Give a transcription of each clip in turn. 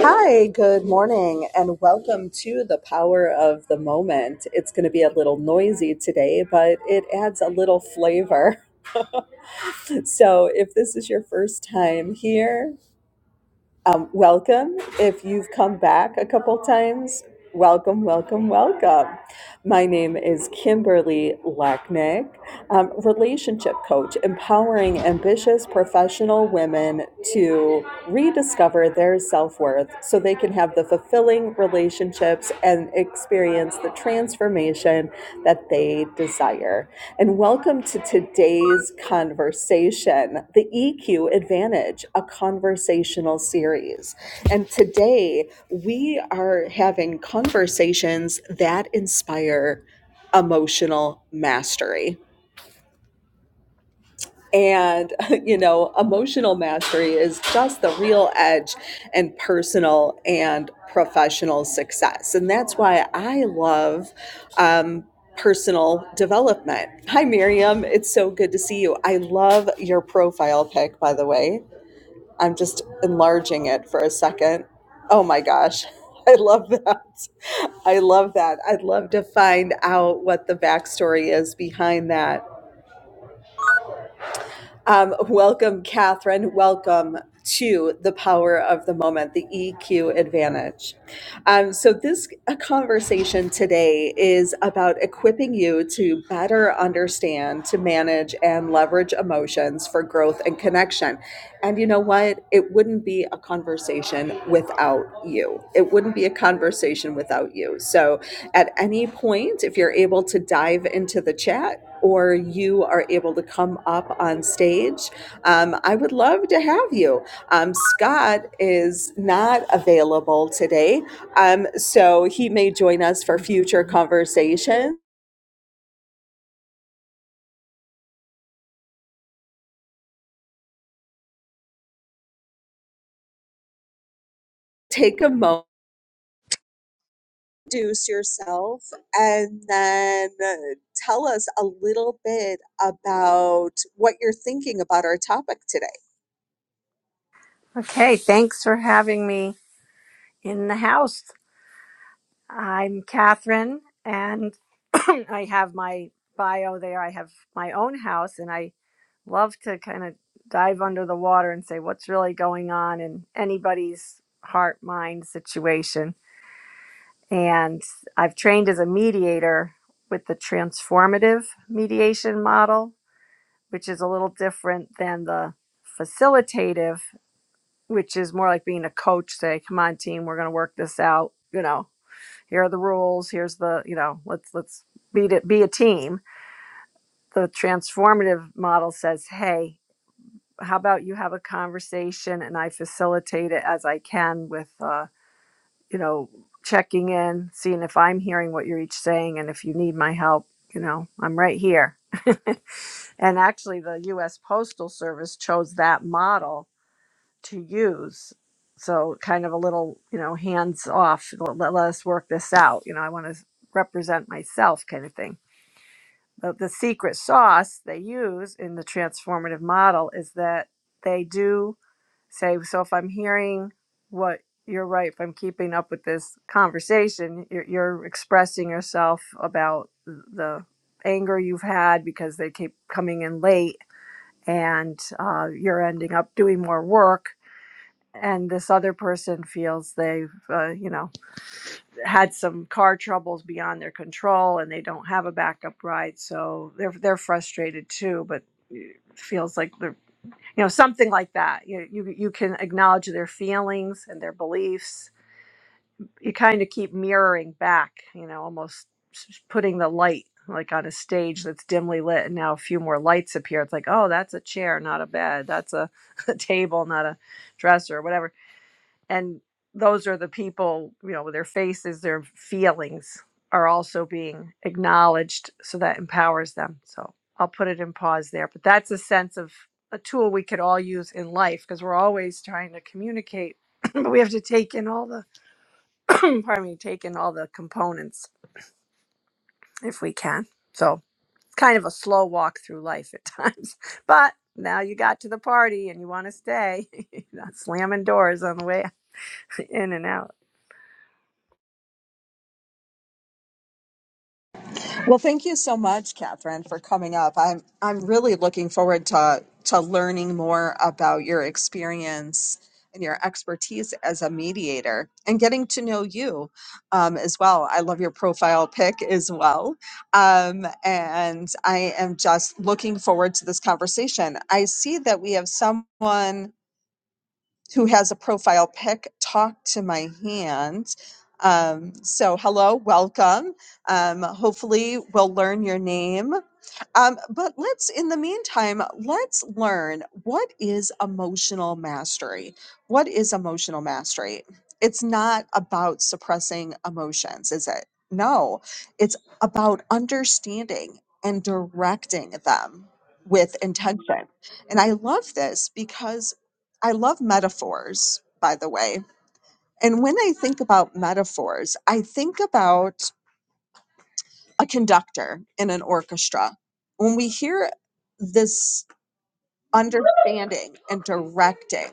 Hi, good morning, and welcome to the power of the moment. It's going to be a little noisy today, but it adds a little flavor. So, if this is your first time here, um, welcome. If you've come back a couple times, welcome, welcome, welcome. My name is Kimberly Lacknick, um, relationship coach, empowering ambitious professional women to rediscover their self worth so they can have the fulfilling relationships and experience the transformation that they desire and welcome to today's conversation, the EQ Advantage, a conversational series. And today we are having conversations that inspire emotional mastery. And, you know, emotional mastery is just the real edge in personal and professional success. And that's why I love um, personal development. Hi, Miriam. It's so good to see you. I love your profile pic, by the way. I'm just enlarging it for a second. Oh my gosh. I love that. I love that. I'd love to find out what the backstory is behind that. Um, welcome, Catherine. Welcome to the power of the moment, the EQ advantage. Um, so, this uh, conversation today is about equipping you to better understand, to manage, and leverage emotions for growth and connection. And you know what? It wouldn't be a conversation without you. It wouldn't be a conversation without you. So, at any point, if you're able to dive into the chat, or you are able to come up on stage, um, I would love to have you. Um, Scott is not available today, um, so he may join us for future conversation. Take a moment, introduce yourself, and then uh, tell us a little bit about what you're thinking about our topic today. Okay, thanks for having me in the house. I'm Catherine, and I have my bio there. I have my own house, and I love to kind of dive under the water and say what's really going on in anybody's heart mind situation. And I've trained as a mediator with the transformative mediation model, which is a little different than the facilitative which is more like being a coach say come on team we're going to work this out you know here are the rules here's the you know let's let's beat it. be a team the transformative model says hey how about you have a conversation and i facilitate it as i can with uh, you know checking in seeing if i'm hearing what you're each saying and if you need my help you know i'm right here and actually the us postal service chose that model to use. So kind of a little, you know, hands off. Let, let us work this out. You know, I want to represent myself, kind of thing. But the secret sauce they use in the transformative model is that they do say, so if I'm hearing what you're right, if I'm keeping up with this conversation, you're, you're expressing yourself about the anger you've had because they keep coming in late and uh, you're ending up doing more work and this other person feels they've uh, you know had some car troubles beyond their control and they don't have a backup ride so they're they're frustrated too but it feels like they're you know something like that you you, you can acknowledge their feelings and their beliefs you kind of keep mirroring back you know almost s- putting the light like on a stage that's dimly lit and now a few more lights appear it's like oh that's a chair not a bed that's a, a table not a dresser whatever and those are the people you know their faces their feelings are also being acknowledged so that empowers them so i'll put it in pause there but that's a sense of a tool we could all use in life because we're always trying to communicate but we have to take in all the pardon me take in all the components if we can so it's kind of a slow walk through life at times but now you got to the party and you want to stay not slamming doors on the way in and out Well, thank you so much, Catherine, for coming up. I'm I'm really looking forward to to learning more about your experience and your expertise as a mediator and getting to know you um, as well. I love your profile pic as well, um, and I am just looking forward to this conversation. I see that we have someone who has a profile pic talk to my hand. Um, so, hello, welcome. Um, hopefully, we'll learn your name. Um, but let's, in the meantime, let's learn what is emotional mastery. What is emotional mastery? It's not about suppressing emotions, is it? No, it's about understanding and directing them with intention. And I love this because I love metaphors, by the way. And when I think about metaphors, I think about a conductor in an orchestra. When we hear this understanding and directing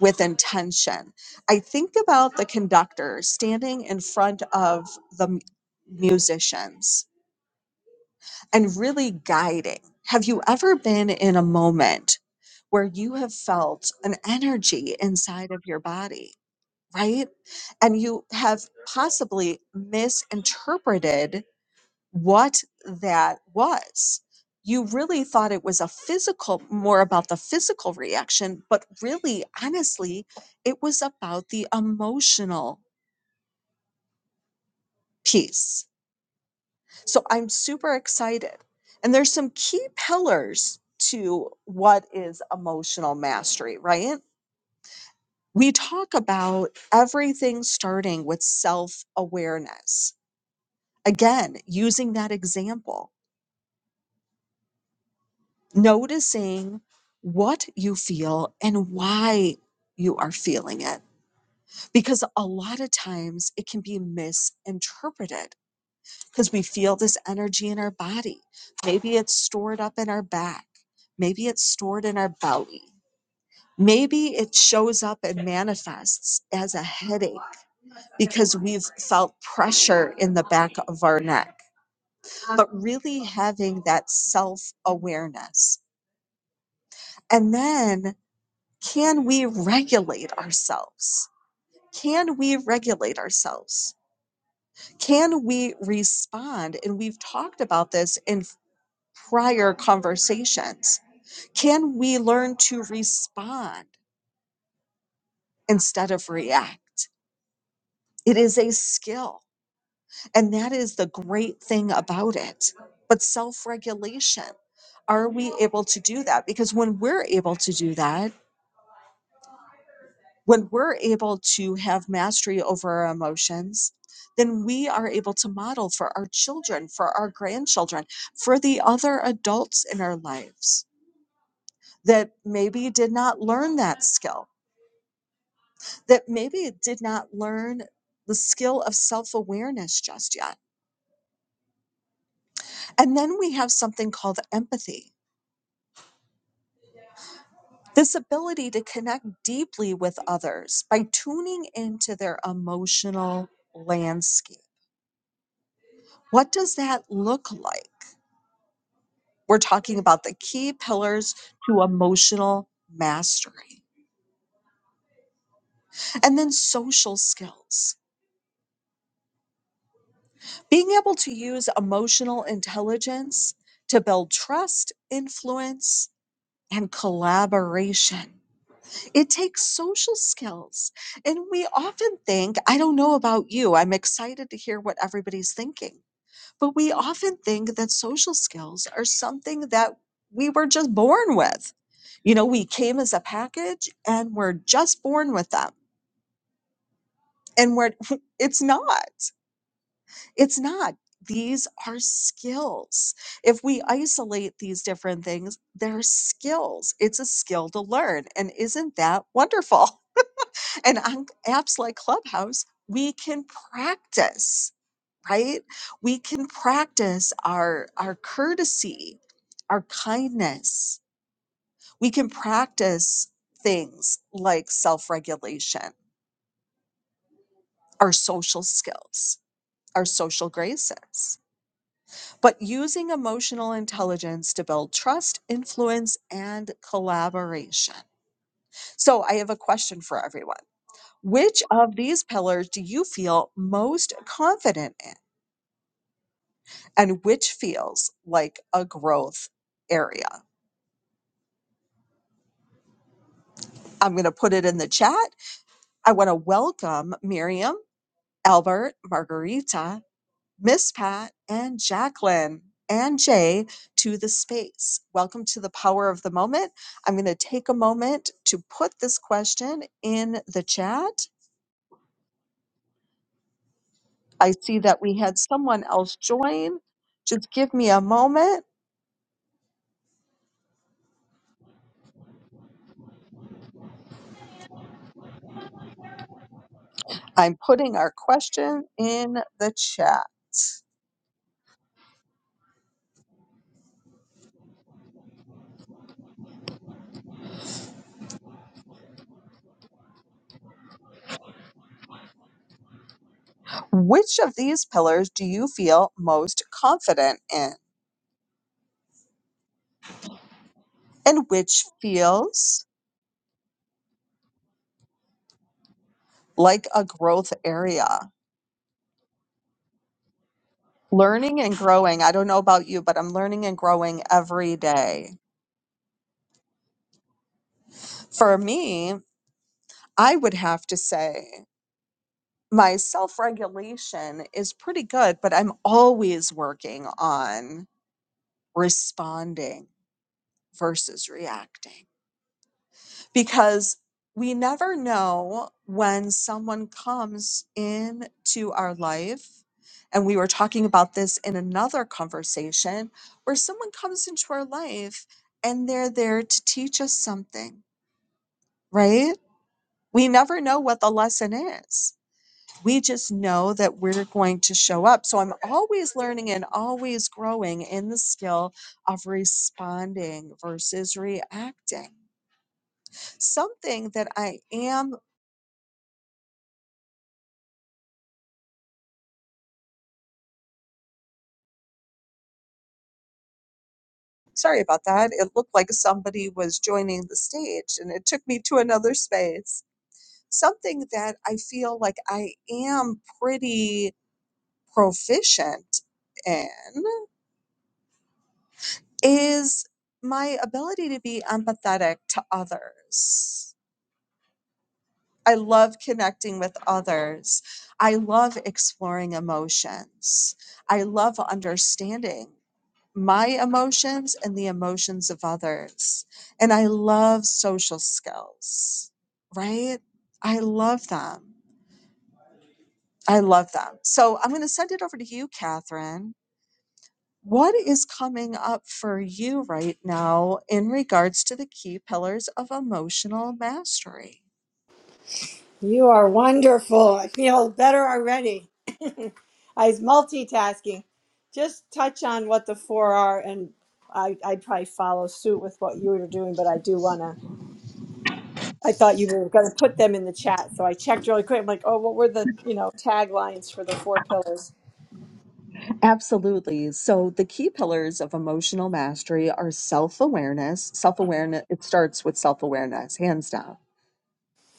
with intention, I think about the conductor standing in front of the m- musicians and really guiding. Have you ever been in a moment where you have felt an energy inside of your body? right? And you have possibly misinterpreted what that was. You really thought it was a physical, more about the physical reaction, but really, honestly, it was about the emotional piece. So I'm super excited. And there's some key pillars to what is emotional mastery, right? We talk about everything starting with self awareness Again, using that example, noticing what you feel and why you are feeling it. Because a lot of times it can be misinterpreted because we feel this energy in our body. Maybe it's stored up in our back, maybe it's stored in our belly. Maybe it shows up and manifests as a headache because we've felt pressure in the back of our neck. But really having that self awareness And then, can we regulate ourselves? Can we regulate ourselves? Can we respond? And we've talked about this in prior conversations. Can we learn to respond instead of react? It is a skill. And that is the great thing about it. But self regulation, are we able to do that? Because when we're able to do that, When we're able to have mastery over our emotions, then we are able to model for our children, for our grandchildren, for the other adults in our lives that maybe did not learn that skill, that maybe did not learn the skill of self awareness just yet. And then we have something called empathy this ability to connect deeply with others by tuning into their emotional landscape. What does that look like? We're talking about the key pillars to emotional mastery. And then social skills. Being able to use emotional intelligence to build trust, influence, and collaboration. It takes social skills. And we often think, I don't know about you, I'm excited to hear what everybody's thinking But we often think that social skills are something that we were just born with. You know, we came as a package and we're just born with them. And we're, it's not, it's not. These are skills. If we isolate these different things, they're skills. It's a skill to learn. And isn't that wonderful? And on apps like Clubhouse, we can practice right? We can practice our, our courtesy, our kindness. We can practice things like self regulation, our social skills, our social graces. But using emotional intelligence to build trust, influence, and collaboration. So, I have a question for everyone. Which of these pillars do you feel most confident in, and which feels like a growth area? I'm going to put it in the chat. I want to welcome Miriam, Albert, Margarita, Miss Pat, and Jacqueline and Jay to the space. Welcome to the power of the moment. I'm going to take a moment to put this question in the chat. I see that we had someone else join. Just give me a moment. I'm putting our question in the chat. Which of these pillars do you feel most confident in? And which feels like a growth area. Learning and growing. I don't know about you, but I'm learning and growing every day. For me, I would have to say my self regulation is pretty good, but I'm always working on responding versus reacting. because we never know when someone comes into our life. And we were talking about this in another conversation where someone comes into our life and they're there to teach us something, right? We never know what the lesson is. We just know that we're going to show up. So I'm always learning and always growing in the skill of responding versus reacting something that I am Sorry about that. It looked like somebody was joining the stage and it took me to another space. Something that I feel like I am pretty proficient in is my ability to be empathetic to others. I love connecting with others. I love exploring emotions. I love understanding my emotions and the emotions of others. And I love social skills, right? I love them. I love them. So I'm going to send it over to you, Catherine. What is coming up for you right now in regards to the key pillars of emotional mastery? You are wonderful. I feel better already. I was multitasking. Just touch on what the four are, and I, I'd probably follow suit with what you were doing, but I do want to. I thought you were going to put them in the chat, so I checked really quick. I'm like, oh, what were the you know taglines for the four pillars? Absolutely. So the key pillars of emotional mastery are self-awareness. Self-awareness, it starts with self-awareness, hands down.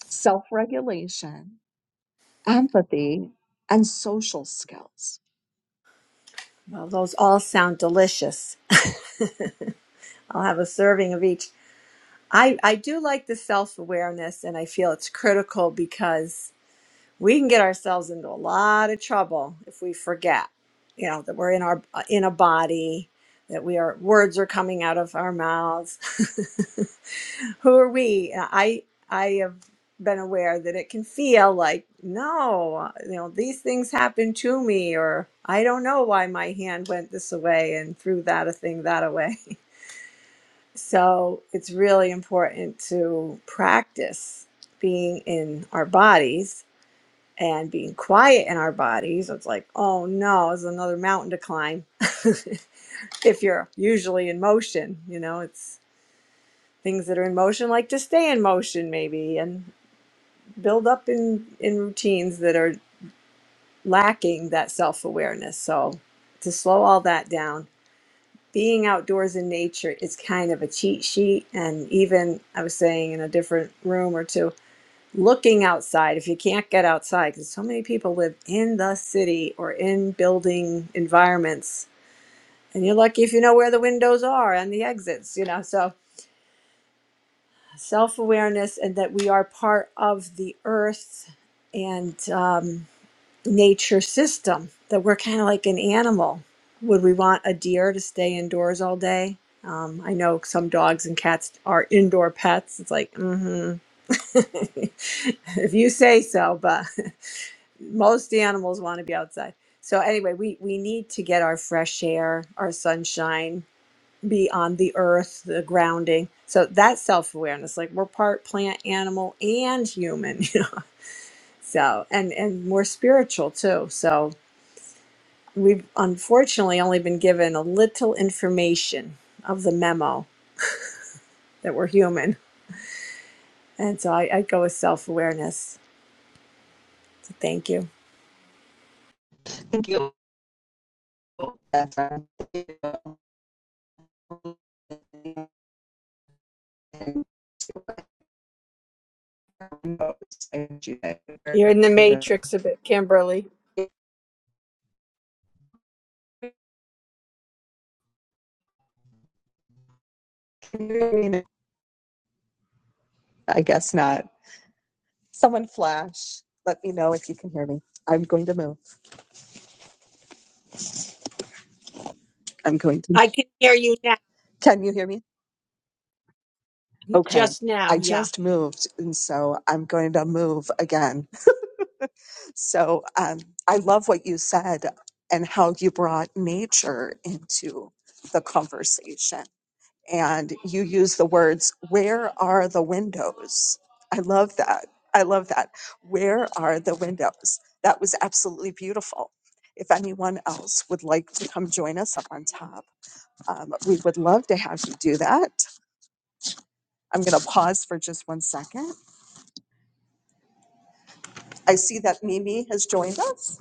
Self-regulation, empathy, and social skills. Well, those all sound delicious. I'll have a serving of each. I, I do like the self awareness, and I feel it's critical because we can get ourselves into a lot of trouble if we forget, you know, that we're in our uh, in a body, that we are words are coming out of our mouths. Who are we? I I have been aware that it can feel like no, you know, these things happen to me, or I don't know why my hand went this way and threw that a thing that away. So it's really important to practice being in our bodies and being quiet in our bodies. It's like, oh no, it's another mountain to climb. if you're usually in motion, you know, it's things that are in motion like to stay in motion maybe and build up in in routines that are lacking that self-awareness. So to slow all that down being outdoors in nature is kind of a cheat sheet. And even I was saying in a different room or two, looking outside, if you can't get outside, because so many people live in the city or in building environments, and you're lucky if you know where the windows are and the exits, you know. So self awareness and that we are part of the earth and, um, nature system that we're kind of like an animal. Would we want a deer to stay indoors all day? Um, I know some dogs and cats are indoor pets. It's like, mm-hmm. if you say so, but most animals want to be outside. So anyway, we, we need to get our fresh air, our sunshine, be on the earth, the grounding. So that's self-awareness. Like we're part plant, animal, and human, you know. So and and we're spiritual too. So We've unfortunately only been given a little information of the memo that we're human. And so I, I go with self awareness. So thank you. Thank you. That's, um, thank You're in the Can matrix a bit, Kimberly. you hear me? now? I guess not. Someone flash. Let me know if you can hear me. I'm going to move. I'm going to. I can hear you now. Can you hear me? Okay. I Yeah. just moved, and so I'm going to move again. So um, I love what you said and how you brought nature into the conversation. And you use the words, where are the windows? I love that. I love that. Where are the windows? That was absolutely beautiful. If anyone else would like to come join us up on top, um, we would love to have you do that. I'm going to pause for just one second. I see that Mimi has joined us.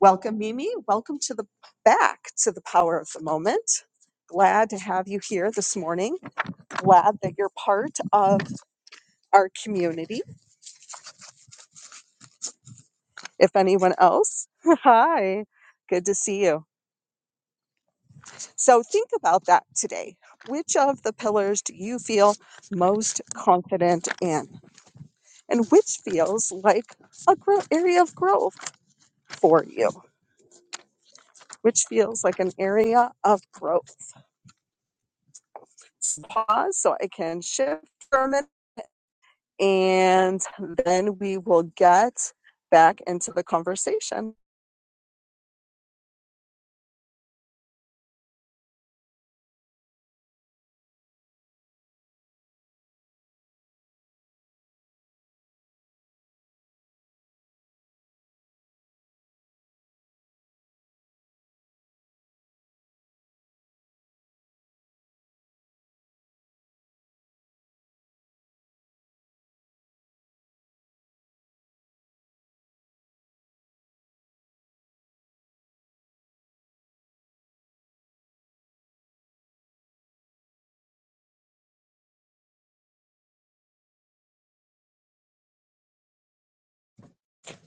Welcome, Mimi. Welcome to the back to the power of the moment. Glad to have you here this morning. Glad that you're part of our community. If anyone else, hi, good to see you. So think about that today. Which of the pillars do you feel most confident in? And which feels like a grow- area of growth for you? Which feels like an area of growth? pause so I can shift for a minute and then we will get back into the conversation.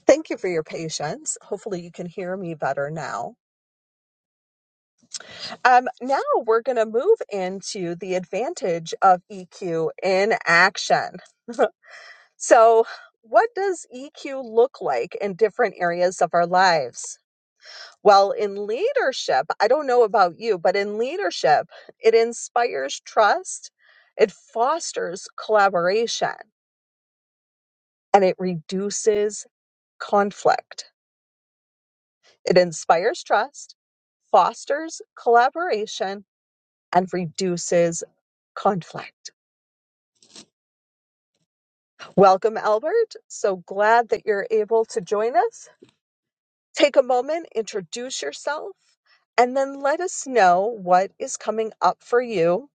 Thank you for your patience. Hopefully, you can hear me better now. Um, now, we're going to move into the advantage of EQ in action. So, what does EQ look like in different areas of our lives? Well, in leadership, I don't know about you, but in leadership, it inspires trust, it fosters collaboration, and it reduces conflict. It inspires trust, fosters collaboration, and reduces conflict. Welcome, Albert. So glad that you're able to join us. Take a moment, introduce yourself, and then let us know what is coming up for you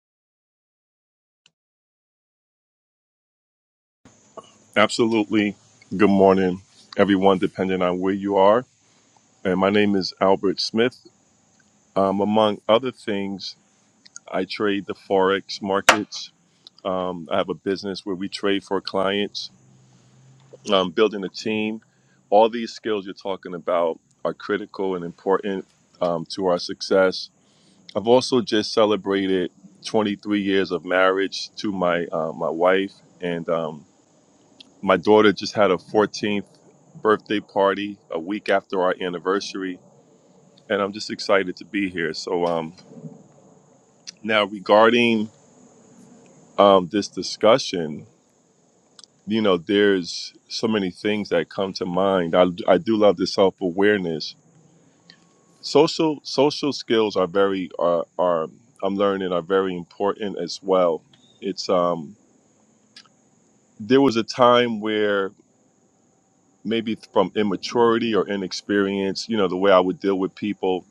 Absolutely. Good morning, everyone, depending on where you are. And my name is Albert Smith. Um, among other things, I trade the Forex markets. Um, I have a business where we trade for clients, um, building a team. All these skills you're talking about are critical and important um, to our success. I've also just celebrated 23 years of marriage to my uh, my wife, and um, my daughter just had a 14th birthday party a week after our anniversary, and I'm just excited to be here. So, um, now regarding um, this discussion, you know, there's so many things that come to mind. I, I do love the self awareness. Social social skills are very are, are I'm learning are very important as well. It's um there was a time where maybe from immaturity or inexperience, you know, the way I would deal with people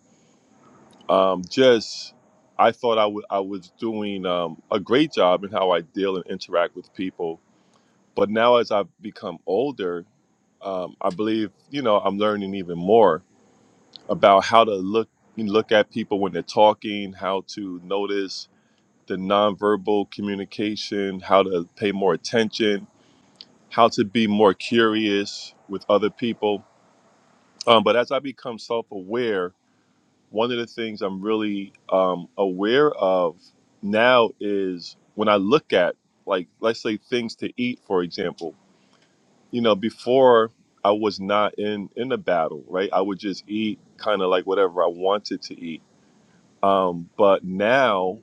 um, just I thought I wa- I was doing um, a great job in how I deal and interact with people. But now, as I've become older, um, I believe you know I'm learning even more about how to look you know, look at people when they're talking, how to notice the nonverbal communication, how to pay more attention, how to be more curious with other people. Um, but as I become self-aware one of the things I'm really um, aware of now is when I look at, like, let's say things to eat, for example. You know, before I was not in in a battle, right? I would just eat kind of like whatever I wanted to eat. Um, but now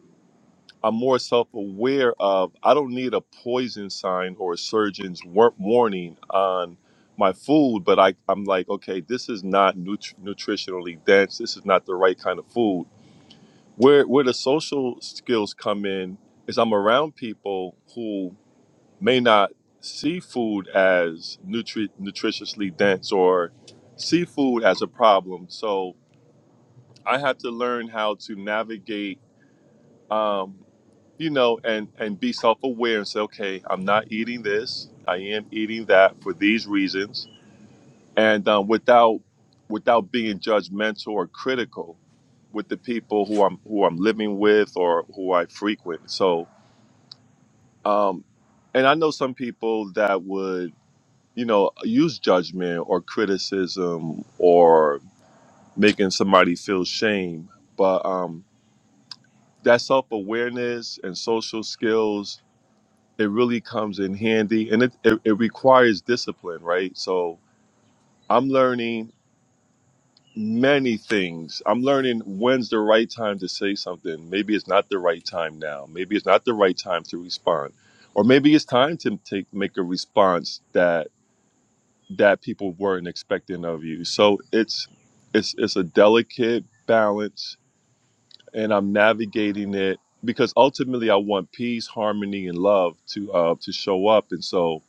I'm more self-aware of. I don't need a poison sign or a surgeon's wor- warning on my food, but I, I'm like, okay, this is not nutri- nutritionally dense. This is not the right kind of food where where the social skills come in is I'm around people who may not see food as nutri- nutritiously dense or see food as a problem. So I had to learn how to navigate, um, you know, and and be self aware and say, okay, I'm not eating this. I am eating that for these reasons and um, without without being judgmental or critical with the people who I'm who I'm living with or who I frequent. So, um, and I know some people that would you know use judgment or criticism or making somebody feel shame, but um, that self awareness and social skills it really comes in handy, and it, it it requires discipline, right? So I'm learning many things. I'm learning when's the right time to say something. Maybe it's not the right time now. Maybe it's not the right time to respond. Or maybe it's time to take make a response that that people weren't expecting of you. So it's it's it's a delicate balance and I'm navigating it because ultimately I want peace, harmony and love to uh to show up and so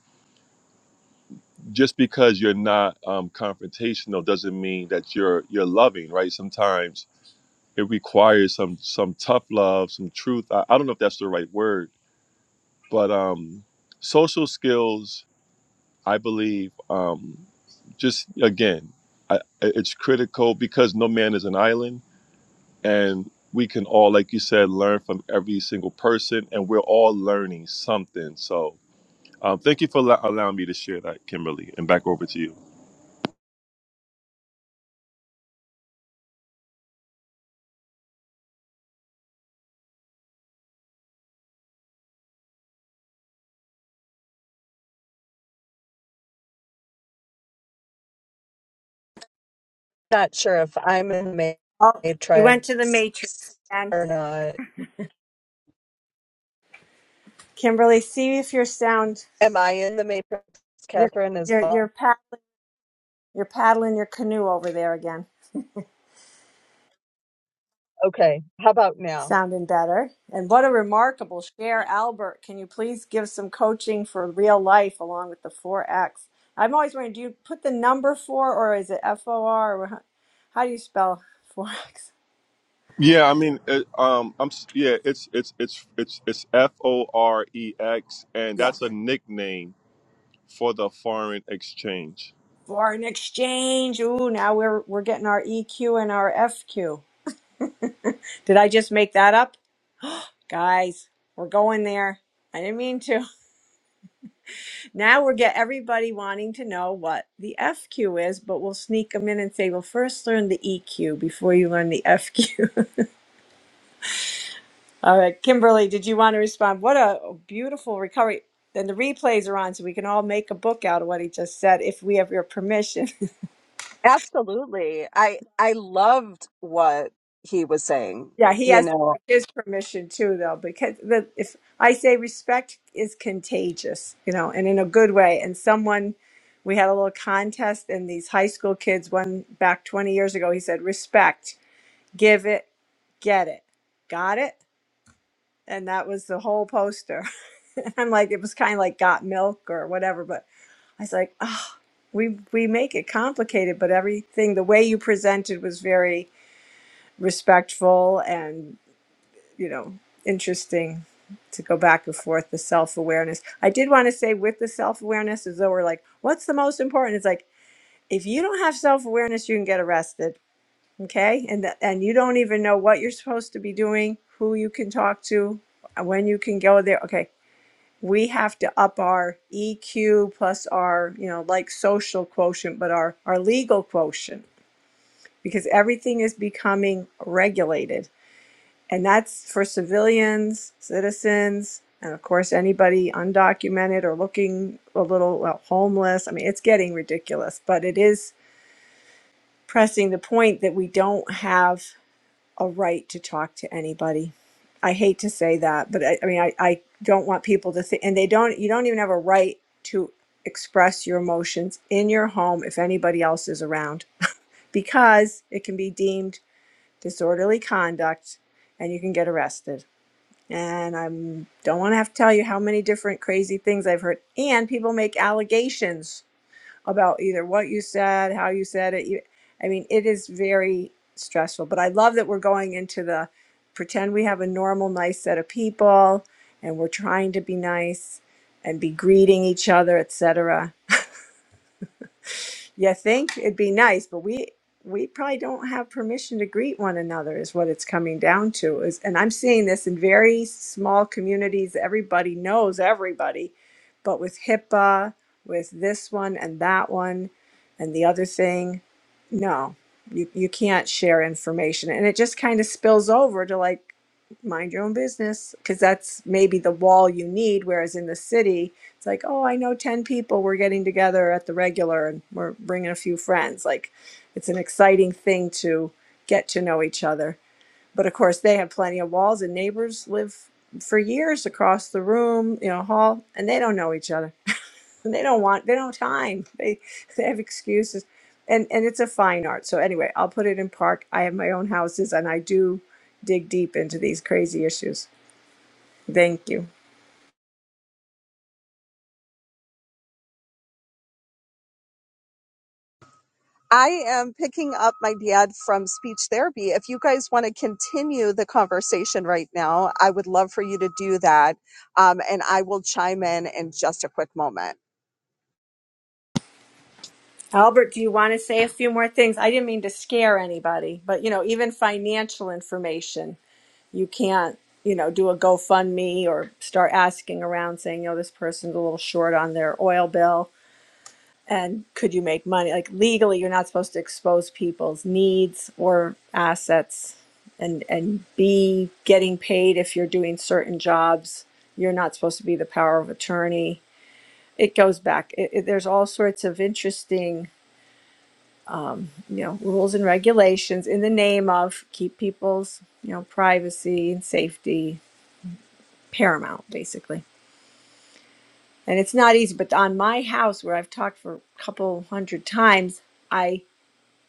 just because you're not um confrontational doesn't mean that you're you're loving, right? Sometimes it requires some some tough love, some truth. I, I don't know if that's the right word, but um, social skills, I believe, um, just again, I, it's critical because no man is an island, and we can all, like you said, learn from every single person, and we're all learning something. So. Um, thank you for allo- allowing me to share that, Kimberly, and back over to you. not sure if I'm in the Oh, you went to the matrix matrix again. or not. Kimberly, see if your sound Am I in the matrix, you're Catherine, as you're you're well? paddling you're paddling your canoe over there again. Okay. How about now? Sounding better. And what a remarkable share, Albert. Can you please give some coaching for real life along with the 4X? I'm always wondering, do you put the number 4 or is it F O R? Or how how do you spell 4X? Yeah, I mean, it, um, I'm s- yeah, it's it's it's it's it's F O R E X, and Yeah. that's a nickname for the foreign exchange. Foreign exchange. Ooh, now we're we're getting our EQ and our FQ. Did I just make that up? Guys, we're going there. I didn't mean to. Now we're get everybody wanting to know what the FQ is, but we'll sneak them in and say, well, first learn the EQ before you learn the FQ. all right, Kimberly, did you want to respond? What a beautiful recovery. Then the replays are on, so we can all make a book out of what he just said if we have your permission. Absolutely. I I loved what he was saying. yeah, he You has know, his permission too, though, because the, if I say respect is contagious, you know, and in a good way, and someone we had a little contest and these high school kids one back 20 years ago he said respect give it, get it. Got it? And that was the whole poster. I'm like, it was kind of like got milk or whatever, but I was like, oh, we, we make it complicated, but everything, the way you presented was very respectful and, you know, interesting to go back and forth, the self awareness. I did want to say with the self awareness, as though we're like, what's the most important? It's like, if you don't have self awareness, you can get arrested okay and th- and you don't even know what you're supposed to be doing who you can talk to uh, when you can go there okay we have to up our eq plus our you know like social quotient but our our legal quotient because everything is becoming regulated and that's for civilians citizens and of course anybody undocumented or looking a little well, homeless i mean it's getting ridiculous but it is pressing the point that we don't have a right to talk to anybody. I hate to say that, but I, I mean, I, I don't want people to think, and they don't, you don't even have a right to express your emotions in your home if anybody else is around because it can be deemed disorderly conduct and you can get arrested. And I don't want to have to tell you how many different crazy things I've heard. And people make allegations about either what you said, how you said it. You, I mean, it is very stressful, but I love that we're going into the pretend we have a normal, nice set of people and we're trying to be nice and be greeting each other, etc you think it'd be nice, but we we probably don't have permission to greet one another is what it's coming down to is and I'm seeing this in very small communities everybody knows everybody but with HIPAA with this one and that one and the other thing no you, you can't share information and it just kind of spills over to like mind your own business because that's maybe the wall you need whereas in the city it's like, oh, I know 10 people. We're getting together at the regular and we're bringing a few friends. Like, it's an exciting thing to get to know each other. But of course, they have plenty of walls, and neighbors live for years across the room, you know, hall, and they don't know each other. And they don't want, they don't have time. They, they have excuses. And, and it's a fine art. So, anyway, I'll put it in park. I have my own houses and I do dig deep into these crazy issues. Thank you. I am picking up my dad from speech therapy. If you guys want to continue the conversation right now, I would love for you to do that. Um, and I will chime in in just a quick moment. Albert, do you want to say a few more things? I didn't mean to scare anybody, but you know, even financial information, you can't, you know, do a GoFundMe or start asking around saying, you know, this person's a little short on their oil bill and could you make money? Like legally, you're not supposed to expose people's needs or assets and and be getting paid if you're doing certain jobs. You're not supposed to be the power of attorney. It goes back. It, it, there's all sorts of interesting you know rules and regulations in the name of keep people's you know privacy and safety paramount basically and it's not easy but on my house where i've talked for a couple hundred times i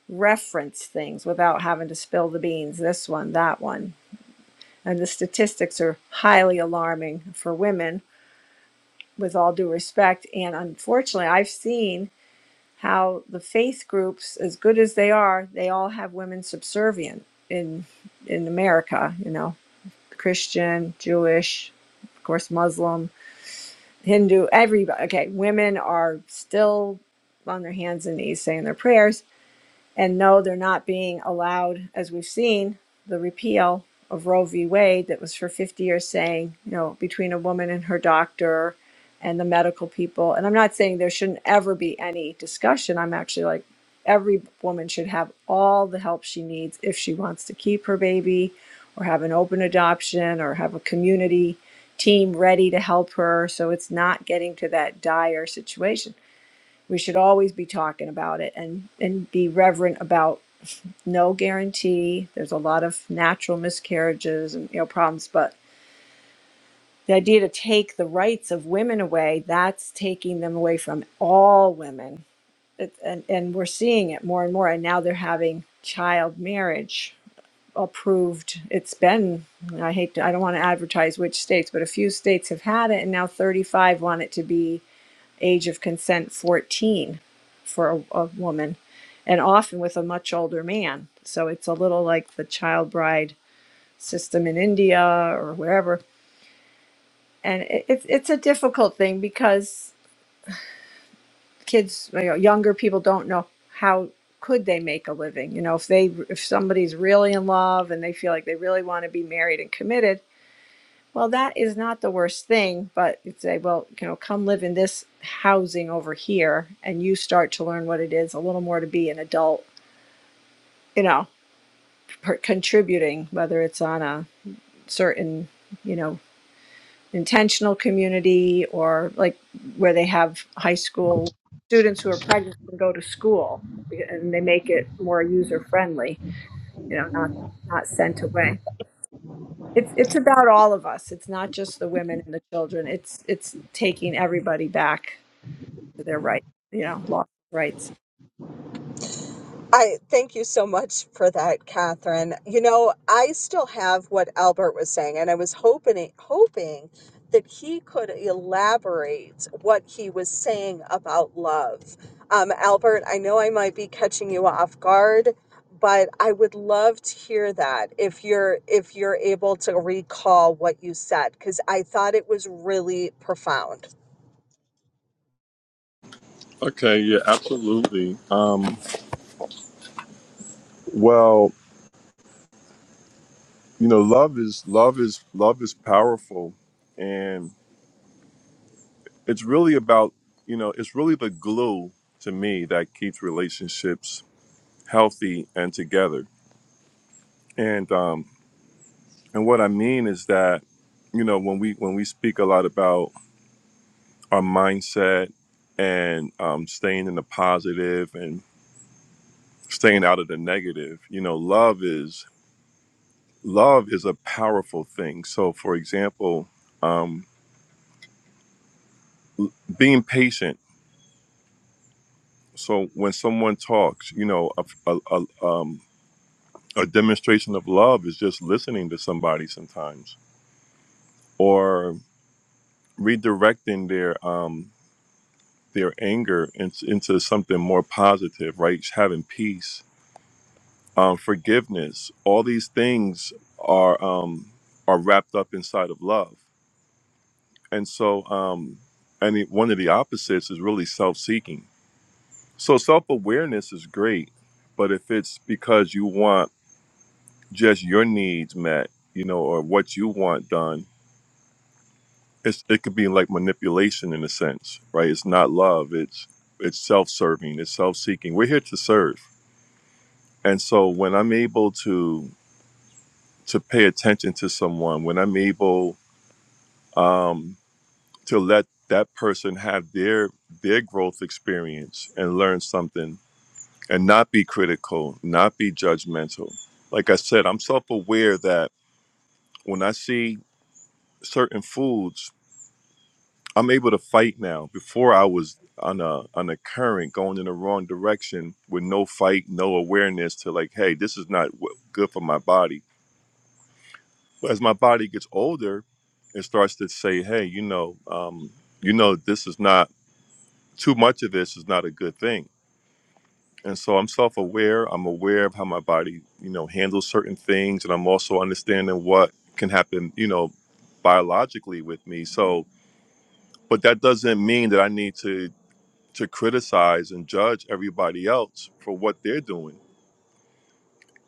reference things without having to spill the beans this one that one and the statistics are highly alarming for women with all due respect and unfortunately i've seen how the faith groups as good as they are they all have women subservient in in America, you know, Christian, Jewish, of course, Muslim, Hindu, everybody. Okay, women are still on their hands and knees saying their prayers and no, they're not being allowed, as we've seen, the repeal of Roe v. Wade that was for 50 years saying, you know, between a woman and her doctor and the medical people. And I'm not saying there shouldn't ever be any discussion. I'm actually like, every woman should have all the help she needs if she wants to keep her baby or have an open adoption or have a community team ready to help her so it's not getting to that dire situation we should always be talking about it and and be reverent about no guarantee there's a lot of natural miscarriages and you know problems but the idea to take the rights of women away that's taking them away from all women it, and and we're seeing it more and more and now they're having child marriage approved it's been i hate to i don't want to advertise which states but a few states have had it and now 35 want it to be age of consent 14 for a, a woman and often with a much older man so it's a little like the child bride system in india or wherever and it, it's it's a difficult thing because kids you know, younger people don't know how could they make a living you know if they if somebody's really in love and they feel like they really want to be married and committed Well, that is not the worst thing, but you say, well, you know, come live in this housing over here, and you start to learn what it is a little more to be an adult, you know, per- contributing, whether it's on a certain, you know, intentional community or like where they have high school students who are pregnant and go to school and they make it more user friendly, you know, not not sent away. It's it's about all of us. It's not just the women and the children. It's it's taking everybody back to their right, you know, lost rights. I thank you so much for that, Catherine. You know, I still have what Albert was saying, and I was hoping hoping that he could elaborate what he was saying about love. Um, Albert, I know I might be catching you off guard, but I would love to hear that if you're if you're able to recall what you said, because I thought it was really profound. Okay, yeah, absolutely. Um, well, you know, love is love is love is powerful, and it's really about you know it's really the glue to me that keeps relationships healthy and together. And um, and what I mean is that you know when we when we speak a lot about our mindset and um, staying in the positive and staying out of the negative, you know, love is love is a powerful thing. So, for example, um, being patient. So, when someone talks, you know, a, a, a, um, a demonstration of love is just listening to somebody sometimes, or redirecting their um, their anger in, into something more positive, right? Having peace, um, forgiveness. All these things are um, are wrapped up inside of love, and so. Um, and it- one of the opposites is really self-seeking So self awareness is great, but if it's because you want just your needs met, you know, or what you want done, it's, it could be like manipulation in a sense, right? It's not love. It's it's self serving. It's self seeking. We're here to serve, and so when I'm able to to pay attention to someone, when I'm able um, to let that person have their their growth experience and learn something and not be critical, not be judgmental. Like I said, I'm self aware that when I see certain foods, I'm able to fight now. Before I was on a on a current going in the wrong direction with no fight, no awareness to like, hey, this is not w- good for my body. But as my body gets older, it starts to say, hey, you know, um, you know, this is not too much of this is not a good thing and so i'm self-aware i'm aware of how my body you know handles certain things and i'm also understanding what can happen you know biologically with me so but that doesn't mean that i need to to criticize and judge everybody else for what they're doing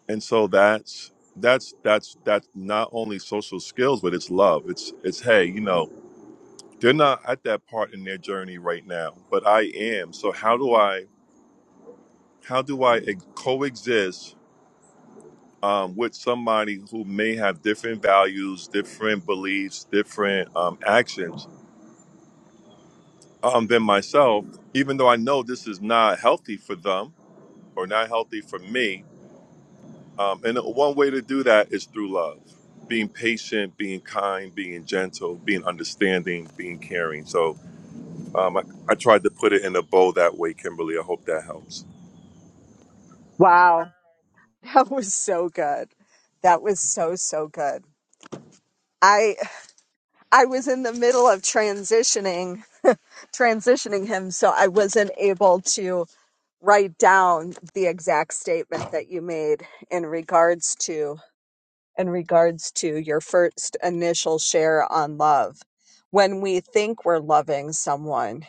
and so that's that's that's that's not only social skills but it's love it's it's hey you know they're not at that part in their journey right now but i am so how do i how do i ex- coexist um, with somebody who may have different values, different beliefs, different um, actions um, than myself, even though I know this is not healthy for them or not healthy for me. Um, and one way to do that is through love, being patient, being kind, being gentle, being understanding, being caring. So um, I, I tried to put it in a bow that way, Kimberly. I hope that helps. Wow. That was so good. That was so so good. I I was in the middle of transitioning transitioning him so I wasn't able to write down the exact statement that you made in regards to in regards to your first initial share on love. When we think we're loving someone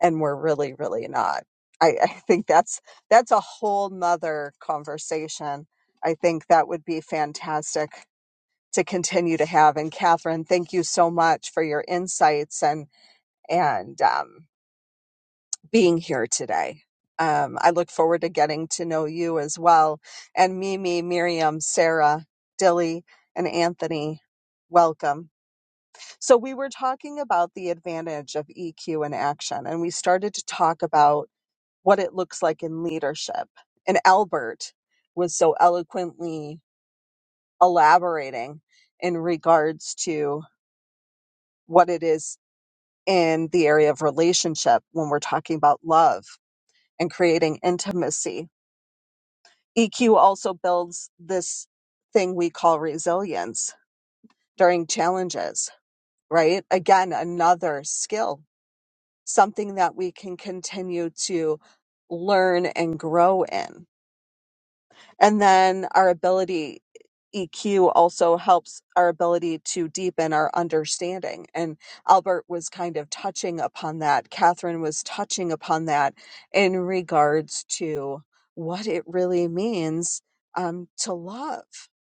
and we're really really not. I, I think that's that's a whole nother conversation. I think that would be fantastic to continue to have. And Catherine, thank you so much for your insights and and um, being here today. Um, I look forward to getting to know you as well. And Mimi, Miriam, Sarah, Dilly, and Anthony, welcome. So we were talking about the advantage of EQ in action, and we started to talk about what it looks like in leadership. And Albert was so eloquently elaborating in regards to what it is in the area of relationship when we're talking about love and creating intimacy. EQ also builds this thing we call resilience during challenges, right? Again, another skill, something that we can continue to learn and grow in. And then our ability, EQ also helps our ability to deepen our understanding. And Albert was kind of touching upon that. Catherine was touching upon that in regards to what it really means um, to love,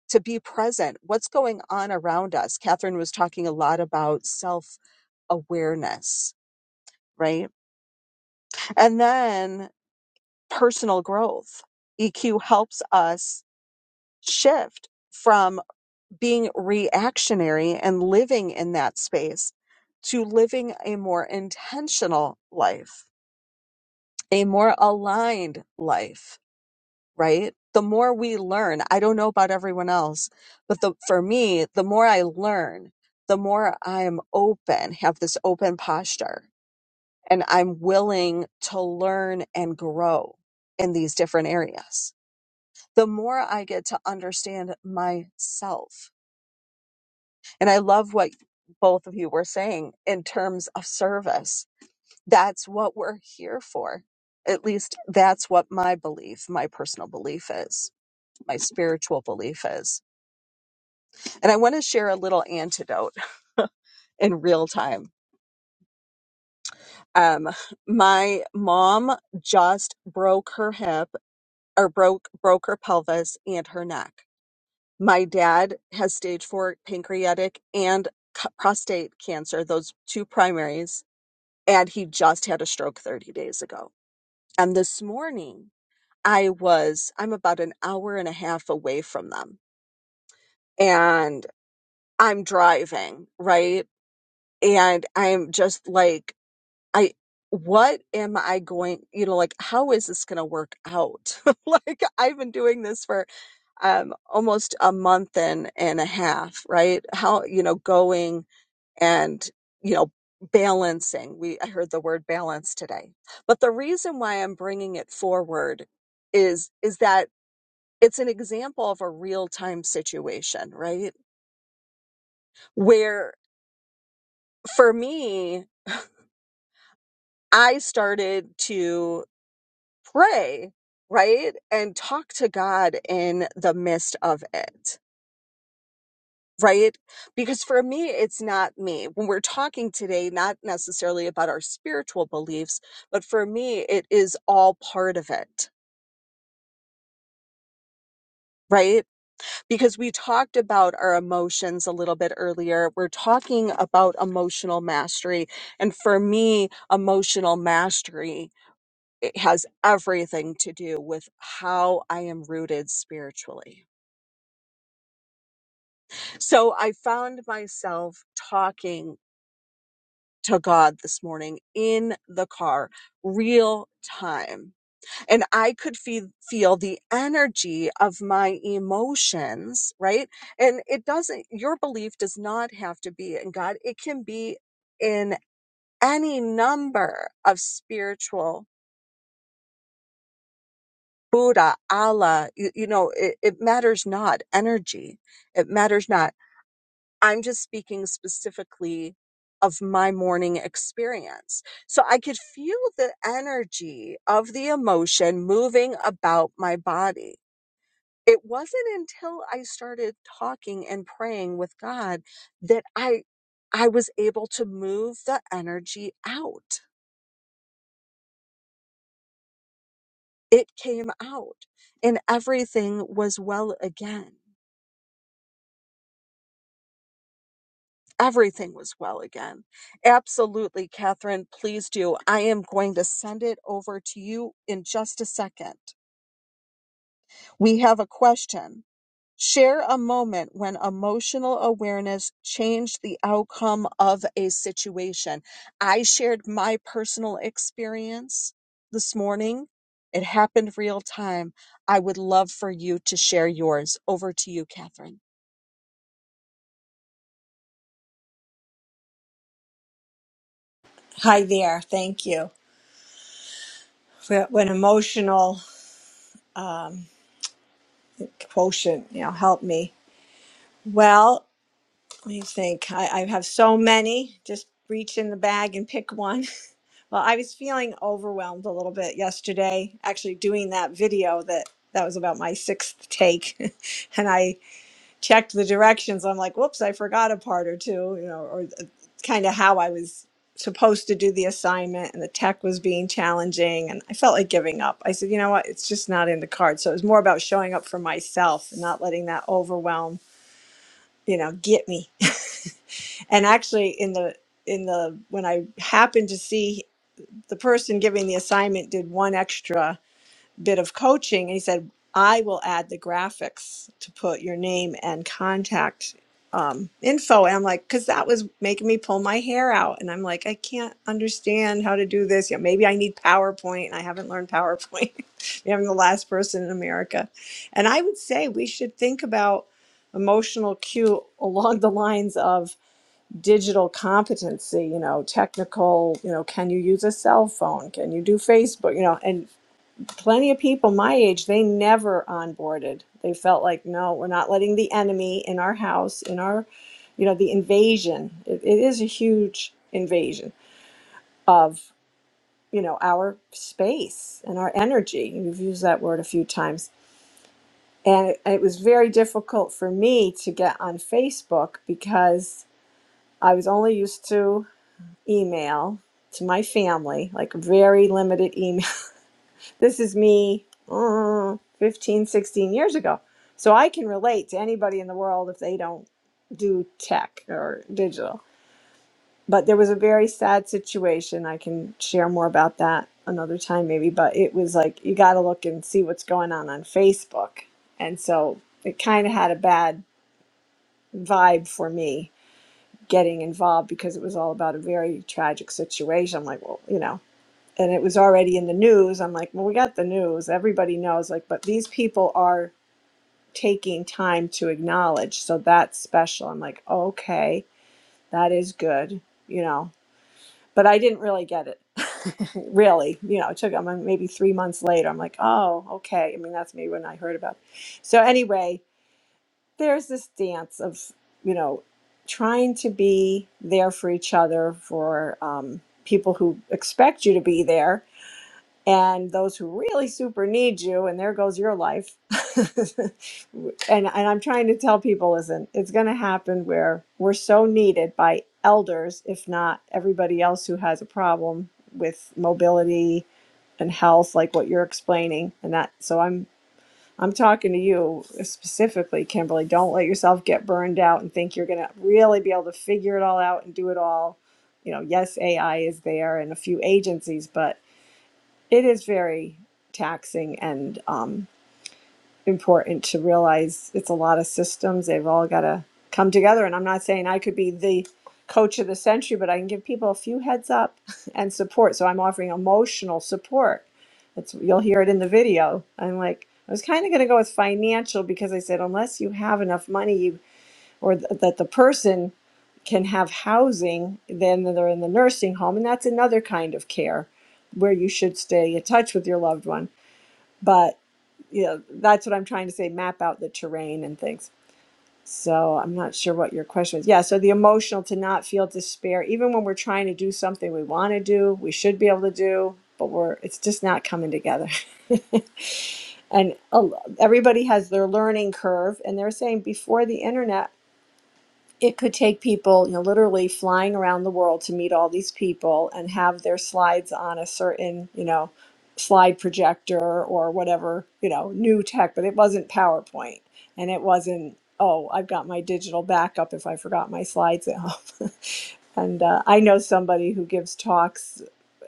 to be present, what's going on around us. Catherine was talking a lot about self awareness, right? And then personal growth. EQ helps us shift. from being reactionary and living in that space to living a more intentional life, a more aligned life, right? The more we learn, I don't know about everyone else, but the, for me, the more I learn, the more I'm open, have this open posture, and I'm willing to learn and grow in these different areas. The more I get to understand myself, And I love what both of you were saying in terms of service. That's what we're here for. At least that's what my belief, my personal belief is, my spiritual belief is. And I want to share a little antidote in real time. Um, my mom just broke her hip or broke broke her pelvis and her neck. My dad has stage four pancreatic and c- prostate cancer, those two primaries and he just had a stroke 30 days ago. And this morning, I was, I'm about an hour and a half away from them, and I'm driving, right? And I'm just like, I, what am I going, you know, like, how is this going to work out? like, I've been doing this for um, almost a month and, and a half, right? How, you know, going and you know balancing we i heard the word balance today but the reason why i'm bringing it forward is is that it's an example of a real time situation right where for me i started to pray right and talk to god in the midst of it right? Because for me, it's not me. When we're talking today, not necessarily about our spiritual beliefs, but for me, it is all part of it, right? Because we talked about our emotions a little bit earlier. We're talking about emotional mastery. And for me, emotional mastery. It has everything to do with how I am rooted spiritually. So I found myself talking to God this morning in the car, real time. And I could feel, feel the energy of my emotions, right? And it doesn't, your belief does not have to be in God. It can be in any number of spiritual Buddha, Allah, you, you know, it, it matters not energy. It matters not I'm just speaking specifically of my morning experience. So I could feel the energy of the emotion moving about my body. It wasn't until I started talking and praying with God that I I was able to move the energy out. It came out and everything was well again. everything was well again. Absolutely, Catherine, please do. I am going to send it over to you in just a second. We have a question. Share a moment when emotional awareness changed the outcome of a situation. I shared my personal experience this morning. It happened real time. I would love for you to share yours. Over to you, Catherine. Hi there. Thank you. For an emotional um, quotient, you know, help me. Well, let me think. I, I have so many. Just reach in the bag and pick one. Well, I was feeling overwhelmed a little bit yesterday, actually doing that video that that was about my sixth take, and I checked the directions i'm like whoops i forgot a part or two you know or kind of how i was supposed to do the assignment and the tech was being challenging and i felt like giving up i said you know what it's just not in the cards so it was more about showing up for myself and not letting that overwhelm you know get me and actually in the in the when i happened to see the person giving the assignment did one extra bit of coaching and he said i will add the graphics to put your name and contact um, info and i'm like because that was making me pull my hair out and i'm like i can't understand how to do this you know, maybe i need powerpoint and i haven't learned powerpoint Maybe i'm the last person in america and i would say we should think about emotional cue along the lines of digital competency you know technical you know can you use a cell phone can you do facebook you know and plenty of people my age they never onboarded they felt like no we're not letting the enemy in our house in our you know the invasion it, it is a huge invasion of you know our space and our energy you've used that word a few times and it, it was very difficult for me to get on facebook because i was only used to email to my family like very limited This is me uh, 15, sixteen years ago. So I can relate to anybody in the world if they don't do tech or digital. But there was a very sad situation. I can share more about that another time, maybe. But it was like, you got to look and see what's going on on Facebook. And so it kind of had a bad vibe for me getting involved because it was all about a very tragic situation. I'm like, well, you know and it was already in the news. I'm like, well, we got the news. Everybody knows. Like, but these people are taking time to acknowledge. So that's special. I'm like, okay, that is good, you know. But I didn't really get it, really. You know, it took I'm like, maybe three months later. I'm like, oh, okay. I mean, that's maybe when I heard about it. So anyway, there's this dance of, you know, trying to be there for each other, for um, people who expect you to be there and those who really super need you and there goes your life and, and i'm trying to tell people listen it's going to happen where we're so needed by elders if not everybody else who has a problem with mobility and health like what you're explaining and that so i'm i'm talking to you specifically kimberly don't let yourself get burned out and think you're going to really be able to figure it all out and do it all you know yes ai is there and a few agencies but it is very taxing and um, important to realize it's a lot of systems. They've all got to come together. And I'm not saying I could be the coach of the century, but I can give people a few heads up and support. So I'm offering emotional support. It's, you'll hear it in the video. I'm like, I was kind of going to go with financial because I said, unless you have enough money you, or th- that the person can have housing, then they're in the nursing home. And that's another kind of care where you should stay in touch with your loved one but you know that's what i'm trying to say map out the terrain and things so i'm not sure what your question is yeah so the emotional to not feel despair even when we're trying to do something we want to do we should be able to do but we're it's just not coming together and a lo- everybody has their learning curve and they're saying before the internet it could take people, you know, literally flying around the world to meet all these people and have their slides on a certain, you know, slide projector or whatever, you know, new tech, but it wasn't PowerPoint and it wasn't, oh, I've got my digital backup if I forgot my slides at home. and uh, I know somebody who gives talks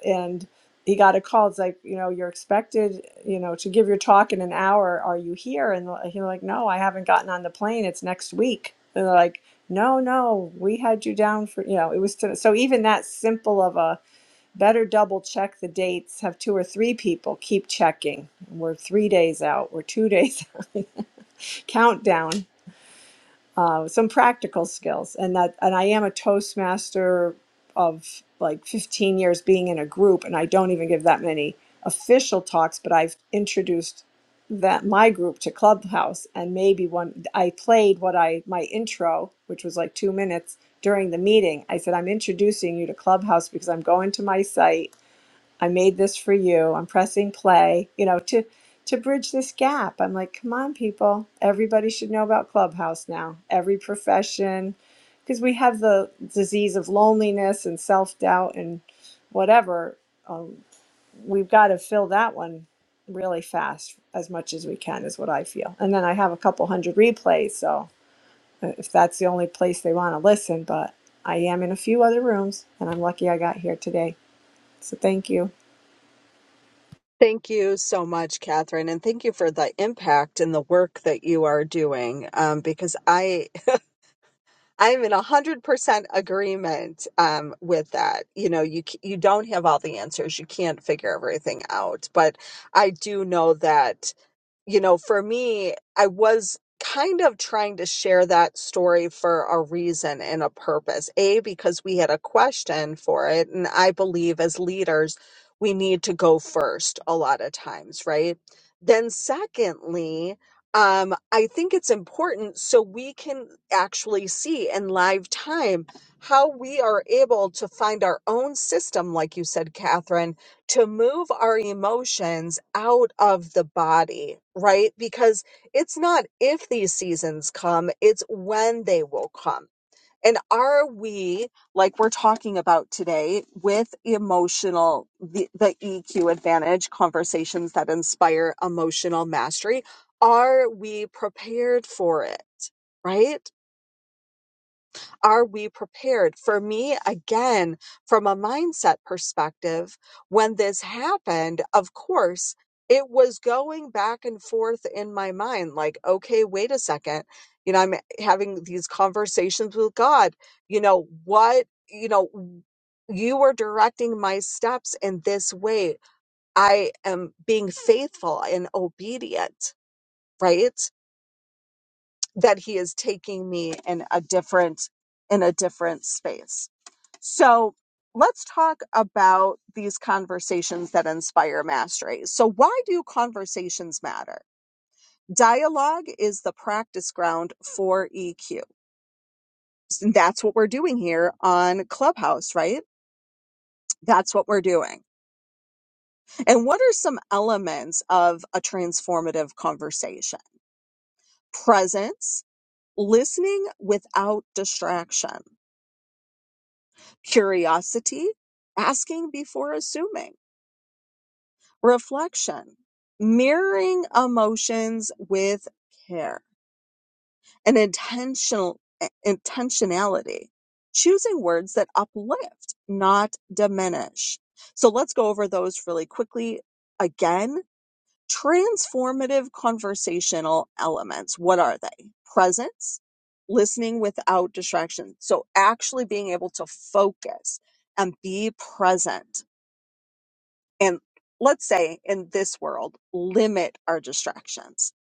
and he got a call. It's like, you know, you're expected, you know, to give your talk in an hour. Are you here? And he's like, no, I haven't gotten on the plane. It's next week. And they're like, no, no, we had you down for, you know, it was to, so even that simple of a better double check the dates, have two or three people keep checking. We're three days out, we're two days countdown uh, some practical skills and that and i am a toastmaster of like 15 years being in a group and i don't even give that many official talks but i've introduced that my group to clubhouse and maybe one i played what i my intro which was like two minutes during the meeting i said i'm introducing you to clubhouse because i'm going to my site I made this for you. I'm pressing play, you know, to to bridge this gap. I'm like, come on, people. Everybody should know about Clubhouse now. Every profession, because we have the disease of loneliness and self doubt and whatever. Um, we've got to fill that one really fast as much as we can, is what I feel. And then I have a couple hundred replays, so uh, if that's the only place they want to listen, but I am in a few other rooms, and I'm lucky I got here today. So thank you. Thank you so much, Catherine, and thank you for the impact and the work that you are doing. Um, because I I'm in a hundred percent agreement um, with that. You know, you c- you don't have all the answers, you can't figure everything out, but I do know that you know, for me, I was kind of trying to share that story for a reason and a purpose. A, because we had a question for it. And I believe as leaders, we need to go first a lot of times, right? Then, secondly, um, I think it's important so we can actually see in live time how we are able to find our own system, like you said, Catherine, to move our emotions out of the body, right? Because it's not if these seasons come, it's when they will come. And are we, like we're talking about today, with emotional, the, the EQ advantage conversations that inspire emotional mastery? Are we prepared for it, right? Are we prepared? For me, again, from a mindset perspective, when this happened, of course, it was going back and forth in my mind like, okay, wait a second. You know, I'm having these conversations with God. You know, what, you know, you are directing my steps in this way. I am being faithful and obedient, right? that he is taking me in a different in a different space so let's talk about these conversations that inspire mastery so why do conversations matter dialogue is the practice ground for eq And that's what we're doing here on clubhouse right that's what we're doing and what are some elements of a transformative conversation presence listening without distraction curiosity, asking before assuming, reflection, mirroring emotions with care, and intentional eh, intentionality, choosing words that uplift, not diminish. So let's go over those really quickly again. Transformative conversational elements. What are they? Presence, listening without distraction. So actually being able to focus and be present and let's say in this world limit our distractions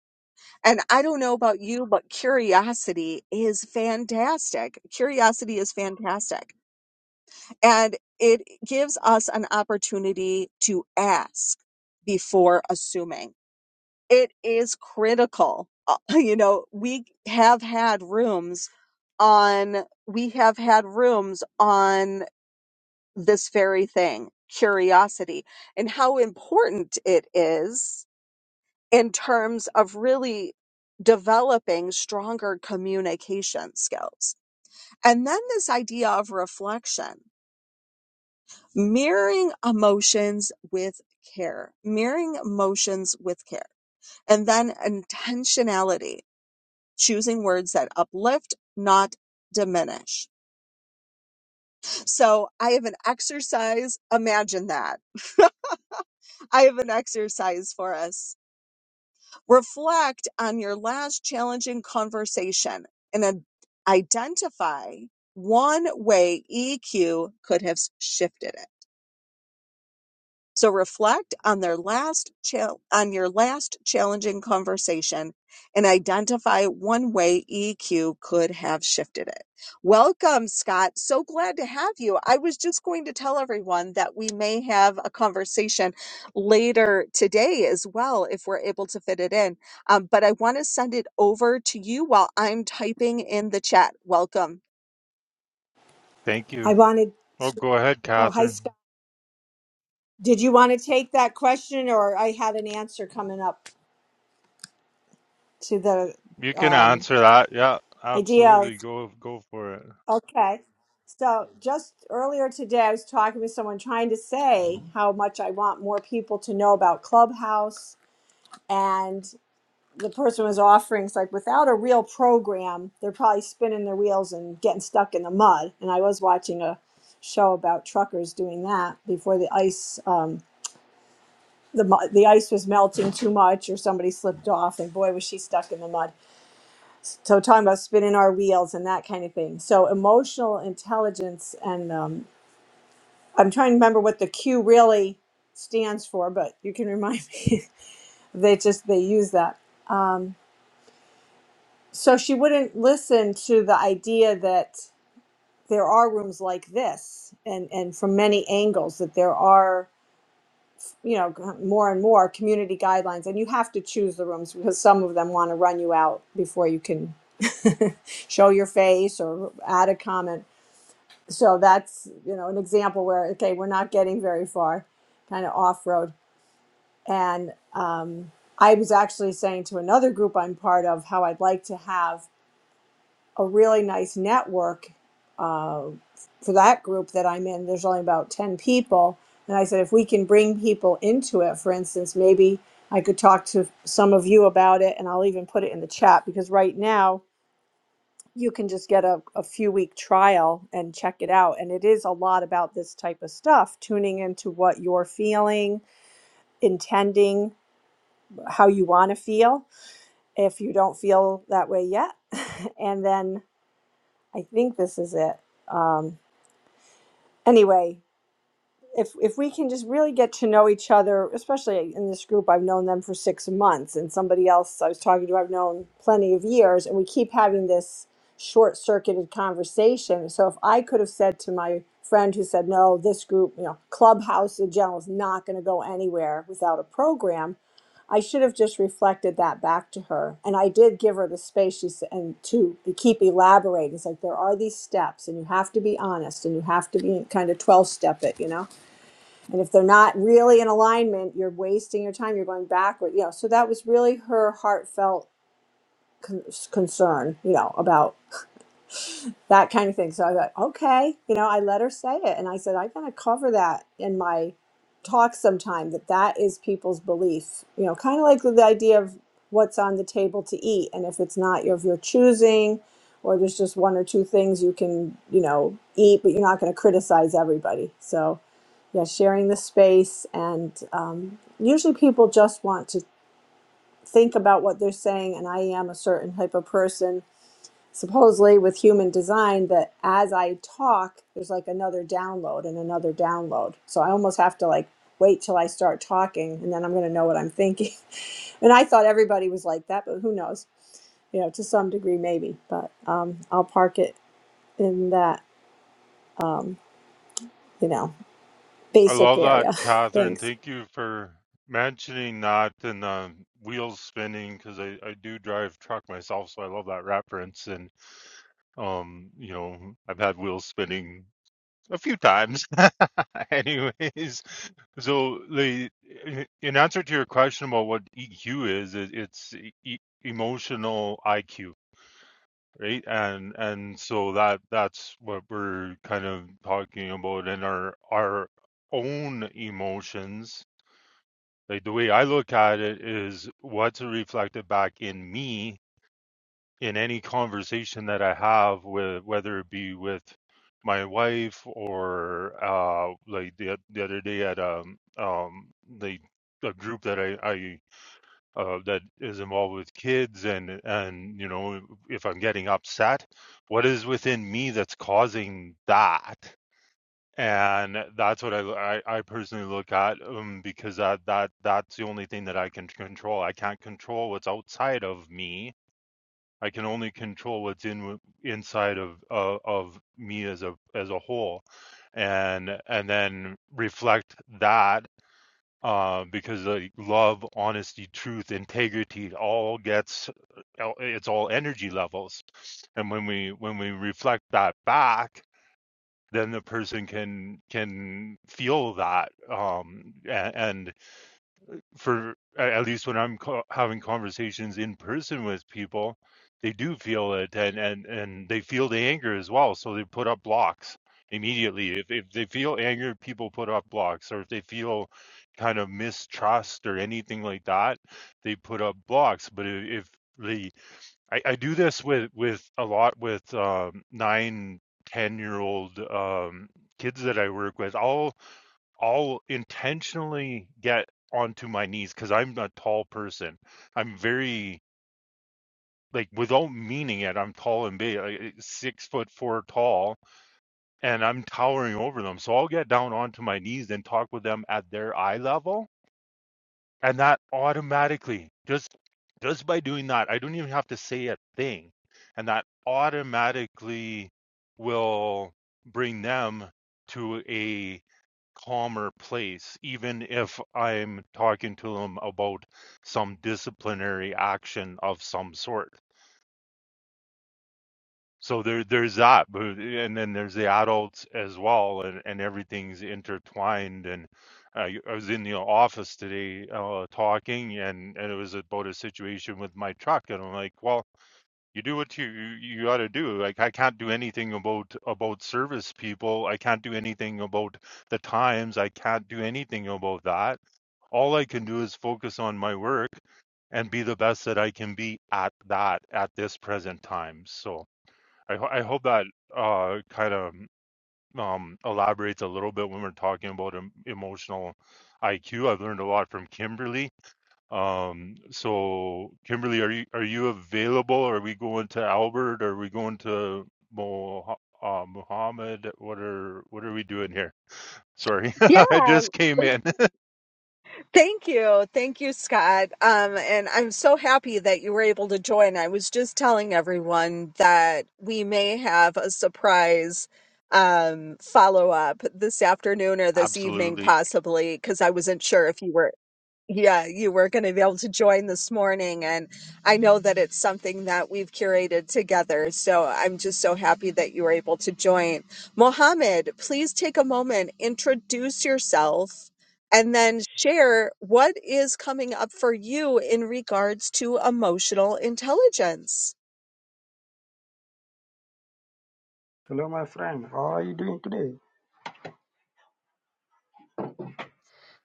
and i don't know about you but curiosity is fantastic curiosity is fantastic and it gives us an opportunity to ask before assuming it is critical Uh, you know we have had rooms on we have had rooms on this very thing curiosity and how important it is in terms of really developing stronger communication skills. And then this idea of reflection, mirroring emotions with care, mirroring emotions with care, and then intentionality, choosing words that uplift, not diminish. So I have an exercise. Imagine that. I have an exercise for us Reflect on your last challenging conversation and identify one way EQ could have shifted it. So reflect on their last chal- on your last challenging conversation and identify one way EQ could have shifted it. Welcome, Scott. So glad to have you. I was just going to tell everyone that we may have a conversation later today as well if we're able to fit it in. Um, but I want to send it over to you while I'm typing in the chat. Welcome. Thank you. I wanted. Oh, go ahead, Oh, hi, Catherine. Scott. Did you want to take that question, or I had an answer coming up to the You can um, answer that. Yeah, idea of, absolutely. Go go for it. okay. So, just earlier today, I was talking with someone trying to say how much I want more people to know about Clubhouse. And the person was offering, it's like, without a real program, they're probably spinning their wheels and getting stuck in the mud. And I was watching a show about truckers doing that before the ice. Um, the the ice was melting too much or somebody slipped off and boy was she stuck in the mud so talking about spinning our wheels and that kind of thing so emotional intelligence and um, i'm trying to remember what the q really stands for but you can remind me they just they use that so she wouldn't listen to the idea that there are rooms like this and and from many angles that there are you know g- more and more community guidelines and you have to choose the rooms because some of them want to run you out before you can show your face or add a comment. So that's you know an example where okay, we're not getting very far, kind of off road. And um, I was actually saying to another group I'm part of how I'd like to have a really nice network uh, for that group that I'm in. There's only about ten people, and I said if we can bring people into it, for instance, maybe. I could talk to some of you about it and I'll even put it in the chat because right now you can just get a, a few week trial and check it out. And it is a lot about this type of stuff, tuning into what you're feeling, intending how you want to feel if you don't feel that way yet. And then I think this is it. Um, anyway, if if we can just really get to know each other, especially in this group, I've known them for six months, and somebody else I was talking to, I've known plenty of years, and we keep having this short circuited conversation. So if I could have said to my friend who said, No, this group, you know, Clubhouse in general is not going to go anywhere without a program, I should have just reflected that back to her. And I did give her the space she said, and to keep elaborating. It's like there are these steps, and you have to be honest, and you have to be kind of 12 step it, you know? And if they're not really in alignment, you're wasting your time. You're going backward. You know, so that was really her heartfelt con- concern, you know, about that kind of thing. So I thought, okay, you know, I let her say it, and I said, I'm going to cover that in my talk sometime. That that is people's belief. You know, kind of like the idea of what's on the table to eat, and if it's not of your choosing, or there's just one or two things you can, you know, eat, but you're not going to criticize everybody. So yeah, sharing the space. And um, usually people just want to think about what they're saying. And I am a certain type of person, supposedly with human design, that as I talk, there's like another download and another download. So I almost have to like wait till I start talking and then I'm going to know what I'm thinking. and I thought everybody was like that, but who knows? You know, to some degree, maybe. But um, I'll park it in that, um, you know, I basic love that, area. Catherine. Thanks. Thank you for mentioning that and the wheels spinning because I, I do drive truck myself, so I love that reference. And um, you know, I've had wheels spinning a few times. Anyways, so the in answer to your question about what EQ is, it, it's e- e, emotional IQ right? And and so that that's what we're kind of talking about in our our own emotions. Like the way I look at it is what's reflected back in me in any conversation that I have with whether it be with my wife or uh like the the other day at um um the a group that I I uh, that is involved with kids and and you know if i'm getting upset what is within me that's causing that and that's what i i, I personally look at um, because that that that's the only thing that i can control i can't control what's outside of me i can only control what's in inside of uh, of me as a as a whole and and then reflect that uh, because like love, honesty, truth, integrity all gets uh, it's all energy levels, and when we when we reflect that back, then the person can can feel that um, and, and for at least when I'm co- having conversations in person with people, they do feel it and and and they feel the anger as well. So they put up blocks immediately. If if they feel anger, people put up blocks, or if they feel kind of mistrust or anything like that, they put up blocks. But i- if the I, I do this with with a lot with um, nine, ten year old um, kids that I work with. I'll I'll intentionally get onto my knees because I'm a tall person. I'm very like without meaning it, I'm tall and big, like, eh, six foot four tall, and I'm towering over them. So I'll get down onto my knees and talk with them at their eye level and that automatically, just just by doing that, I don't even have to say a thing. And that automatically will bring them to a calmer place, even if I'm talking to them about some disciplinary action of some sort. So there, there's that, but and then there's the adults as well, and, and everything's intertwined. And I, I was in the office today uh, talking, and and it was about a situation with my truck, and I'm like, well, you do what you you got to do. Like I can't do anything about about service people. I can't do anything about the times. I can't do anything about that. All I can do is focus on my work and be the best that I can be at that at this present time. So. I, ho- I hope that uh, kind of um, elaborates a little bit when we're talking about em- emotional IQ. I've learned a lot from Kimberly. Um, so, Kimberly, are you are you available? Are we going to Albert? Are we going to Mo, uh, Muhammad? What are what are we doing here? Sorry, Yeah. I just came in. Thank you. Thank you, Scott. Um, and I'm so happy that you were able to join. I was just telling everyone that we may have a surprise um, follow up this afternoon or this evening, Absolutely. possibly, because I wasn't sure if you were yeah, you were going to be able to join this morning. And I know that it's something that we've curated together. So I'm just so happy that you were able to join. Mohammed, please take a moment, introduce yourself, and then share what is coming up for you in regards to emotional intelligence. Hello, my friend. How are you doing today?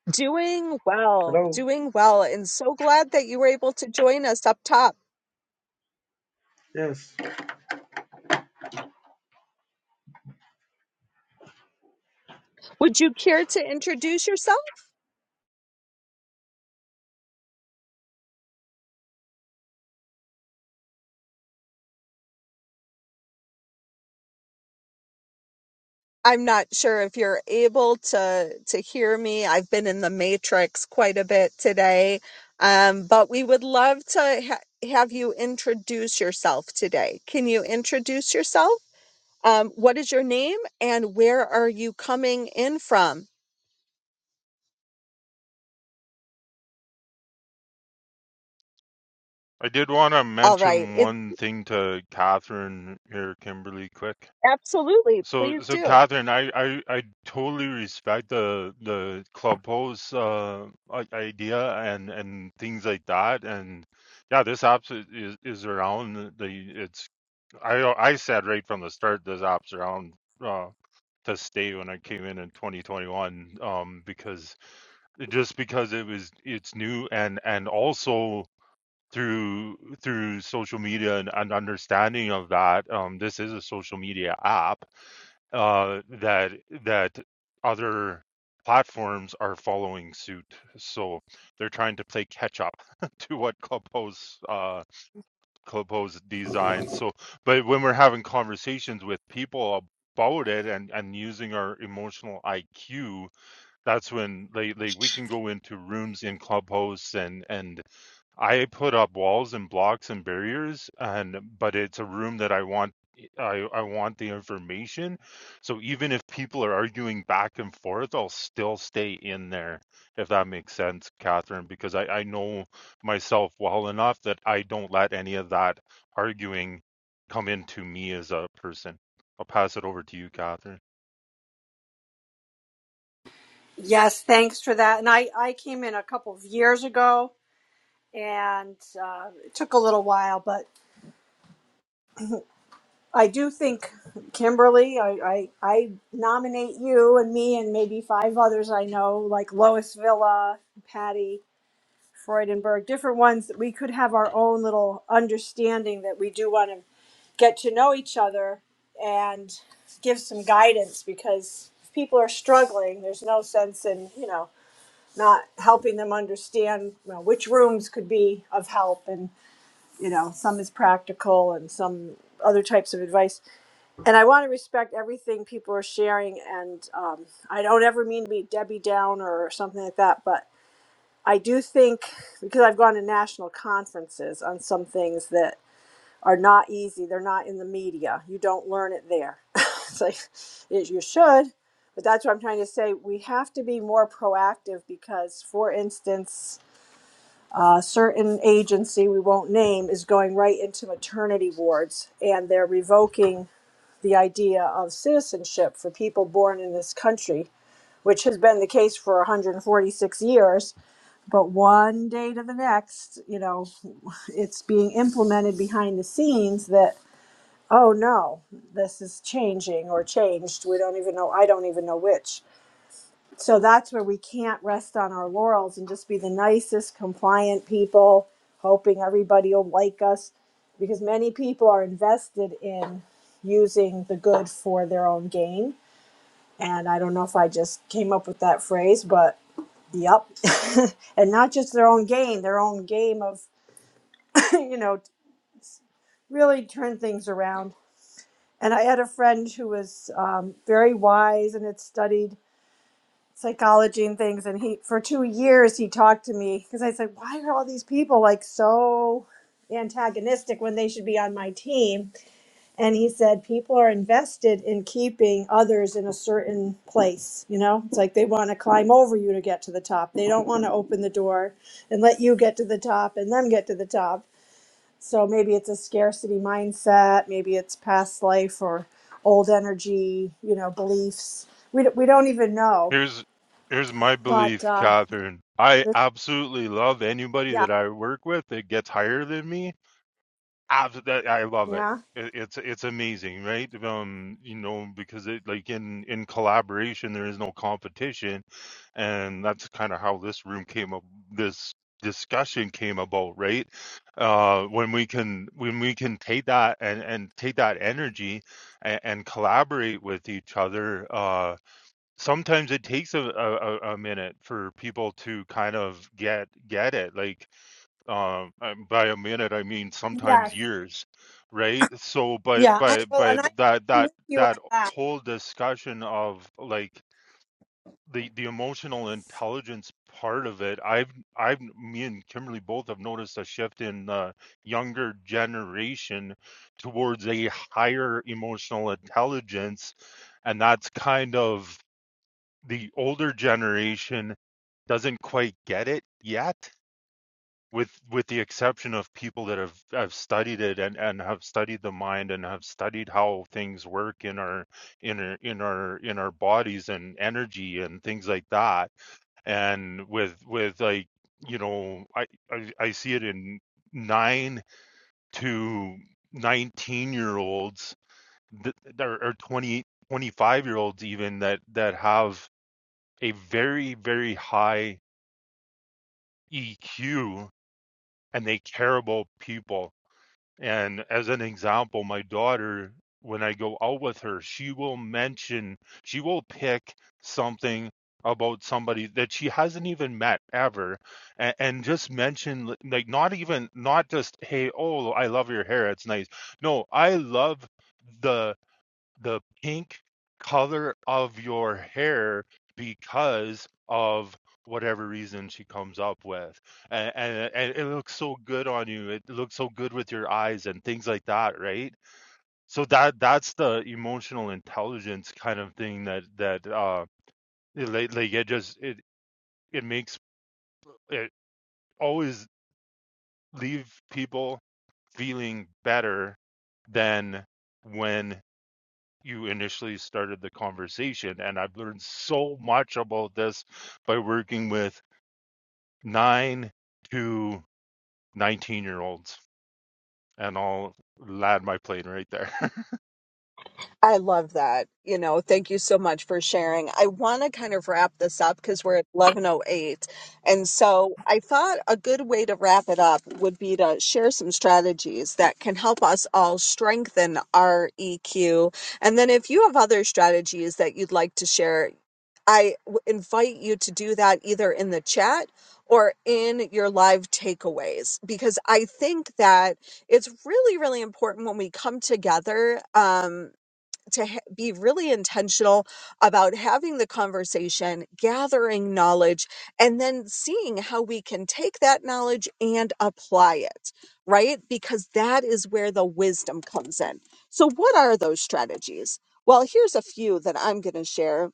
Doing well, Hello. doing well. And so glad that you were able to join us up top. Yes. Would you care to introduce yourself? I'm not sure if you're able to to hear me. I've been in the matrix quite a bit today. Um, but we would love to ha- have you introduce yourself today. Can you introduce yourself? Um, what is your name and where are you coming in from? I did want to All right. mention It, one thing to Catherine here, Kimberly, quick. absolutely. So, Please so do. Catherine, I, I, I totally respect the the clubhouse uh, i- idea and and things like that. And yeah, this app is, is is around. The it's I I said right from the start this app's around uh, to stay when I came in in 2021 um, because just because it was it's new and and also through through social media and an understanding of that um this is a social media app uh, that that other platforms are following suit. So they're trying to play catch up to what Clubhouse uh, Clubhouse designs. So, but when we're having conversations with people about it and and using our emotional IQ, that's when like like we can go into rooms in Clubhouse and and I put up walls and blocks and barriers, and but it's a room that I want. I, I want the information. So even if people are arguing back and forth, I'll still stay in there, if that makes sense, Catherine, because I, I know myself well enough that I don't let any of that arguing come into me as a person. I'll pass it over to you, Catherine. Yes, thanks for that. And I, I came in a couple of years ago and uh, it took a little while, but I do think, Kimberly, I, I, I nominate you and me and maybe five others I know, like Lois Villa, Patty Freudenberg, different ones that we could have our own little understanding that we do want to get to know each other and give some guidance because if people are struggling, there's no sense in, you know, not helping them understand you know, which rooms could be of help and you know some is practical and some other types of advice and i want to respect everything people are sharing and um, i don't ever mean to be debbie Downer or something like that but i do think because i've gone to national conferences on some things that are not easy they're not in the media you don't learn it there it's like it, you should but that's what I'm trying to say. We have to be more proactive because, for instance, a certain agency we won't name is going right into maternity wards and they're revoking the idea of citizenship for people born in this country which has been the case for 146 years but one day to the next you know it's being implemented behind the scenes that oh no this is changing or changed we don't even know i don't even know which so that's where we can't rest on our laurels and just be the nicest compliant people hoping everybody will like us because many people are invested in using the good for their own gain. And I don't know if I just came up with that phrase, but yep. And not just their own gain, their own game of, you know, really turn things around. And I had a friend who was um, very wise and had studied psychology and things. And he, for two years, he talked to me because I said, why are all these people like so antagonistic when they should be on my team? and he said people are invested in keeping others in a certain place you know it's like they want to climb over you to get to the top they don't want to open the door and let you get to the top and them get to the top so maybe it's a scarcity mindset maybe it's past life or old energy you know beliefs we, d- we don't even know Here's here's my but belief, uh, Catherine. I absolutely love anybody yeah that I work with that gets higher than me Abs- I love it. yeah It- It's it's amazing, right? Um, you know, because it like in in collaboration there is no competition, and that's kind of how this room came up. This discussion came about, right? Uh, when we can when we can take that and and take that energy and, and collaborate with each other. Uh, sometimes it takes a, a a a minute for people to kind of get get it, like um, and by a minute, I mean sometimes years, right? So, but but but that that that whole discussion of like the the emotional intelligence part of it, I've I've me and Kimberly both have noticed a shift in the younger generation towards a higher emotional intelligence, and that's kind of the older generation doesn't quite get it yet with with the exception of people that have have studied it and and have studied the mind and have studied how things work in our in our in our in our bodies and energy and things like that and with with like you know i i, I see it in 9 to 19 year olds that that are are year olds even that that have a very very high EQ and they care about people And as an example, my daughter, when I go out with her, she will mention, she will pick something about somebody that she hasn't even met ever and, and just mention li- like not even not just hey oh i love your hair it's nice no i love the the pink color of your hair because of whatever reason she comes up with and, and and it looks so good on you it looks so good with your eyes and things like that right so that that's the emotional intelligence kind of thing that that uh it, like like it just it it makes it always leave people feeling better than when you initially started the conversation. And I've learned so much about this by working with nine to 19 year olds. And I'll land my plane right there. I love that. You know, thank you so much for sharing. I want to kind of wrap this up because we're at 1108. And so I thought a good way to wrap it up would be to share some strategies that can help us all strengthen our EQ. And then if you have other strategies that you'd like to share, I w- invite you to do that either in the chat or in your live takeaways because I think that it's really really important when we come together um, to ha- be really intentional about having the conversation, gathering knowledge, and then seeing how we can take that knowledge and apply it, right? Because that is where the wisdom comes in. So, what are those strategies? Well, here's a few that I'm going to share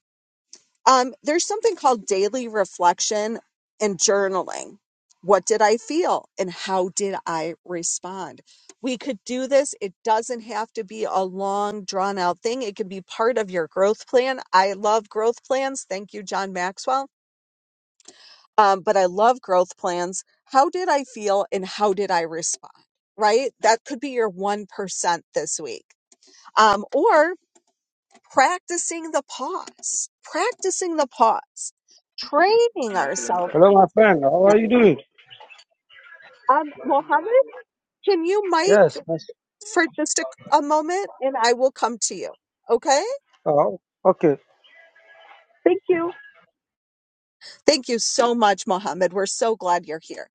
um, there's something called daily reflection and journaling. What did I feel and how did I respond? We could do this. It doesn't have to be a long, drawn out thing. It could be part of your growth plan. I love growth plans. Thank you, John Maxwell. Um, but I love growth plans. How did I feel and how did I respond? Right? That could be your 1% this week. Um, or practicing the pause, practicing the pause, training ourselves. Hello, my friend. How are you doing? Um, Mohammed, can you mic Yes. Yes. for just a, a moment and I will come to you? Okay. Oh, okay. Thank you. Thank you so much, Mohammed. We're so glad you're here.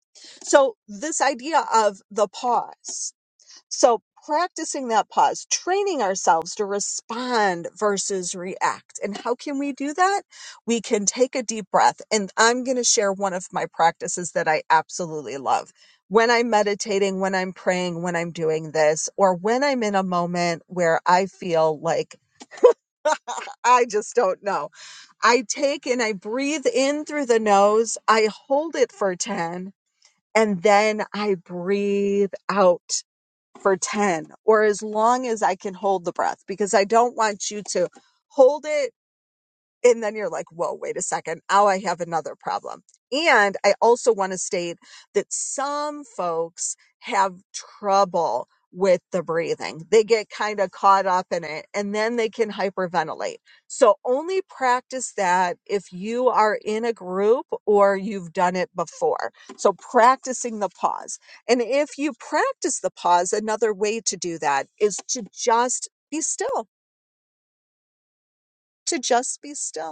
So, this idea of the pause. So, practicing that pause, training ourselves to respond versus react. And how can we do that? We can take a deep breath. And I'm going to share one of my practices that I absolutely love. When I'm meditating, when I'm praying, when I'm doing this, or when I'm in a moment where I feel like I just don't know. I take and I breathe in through the nose, I hold it for 10, and then I breathe out for 10 or as long as I can hold the breath because I don't want you to hold it and then you're like, whoa, wait a second. Now I have another problem. And I also want to state that some folks have trouble with the breathing. They get kind of caught up in it and then they can hyperventilate. So only practice that if you are in a group or you've done it before. So practicing the pause. And if you practice the pause, another way to do that is to just be still, to just be still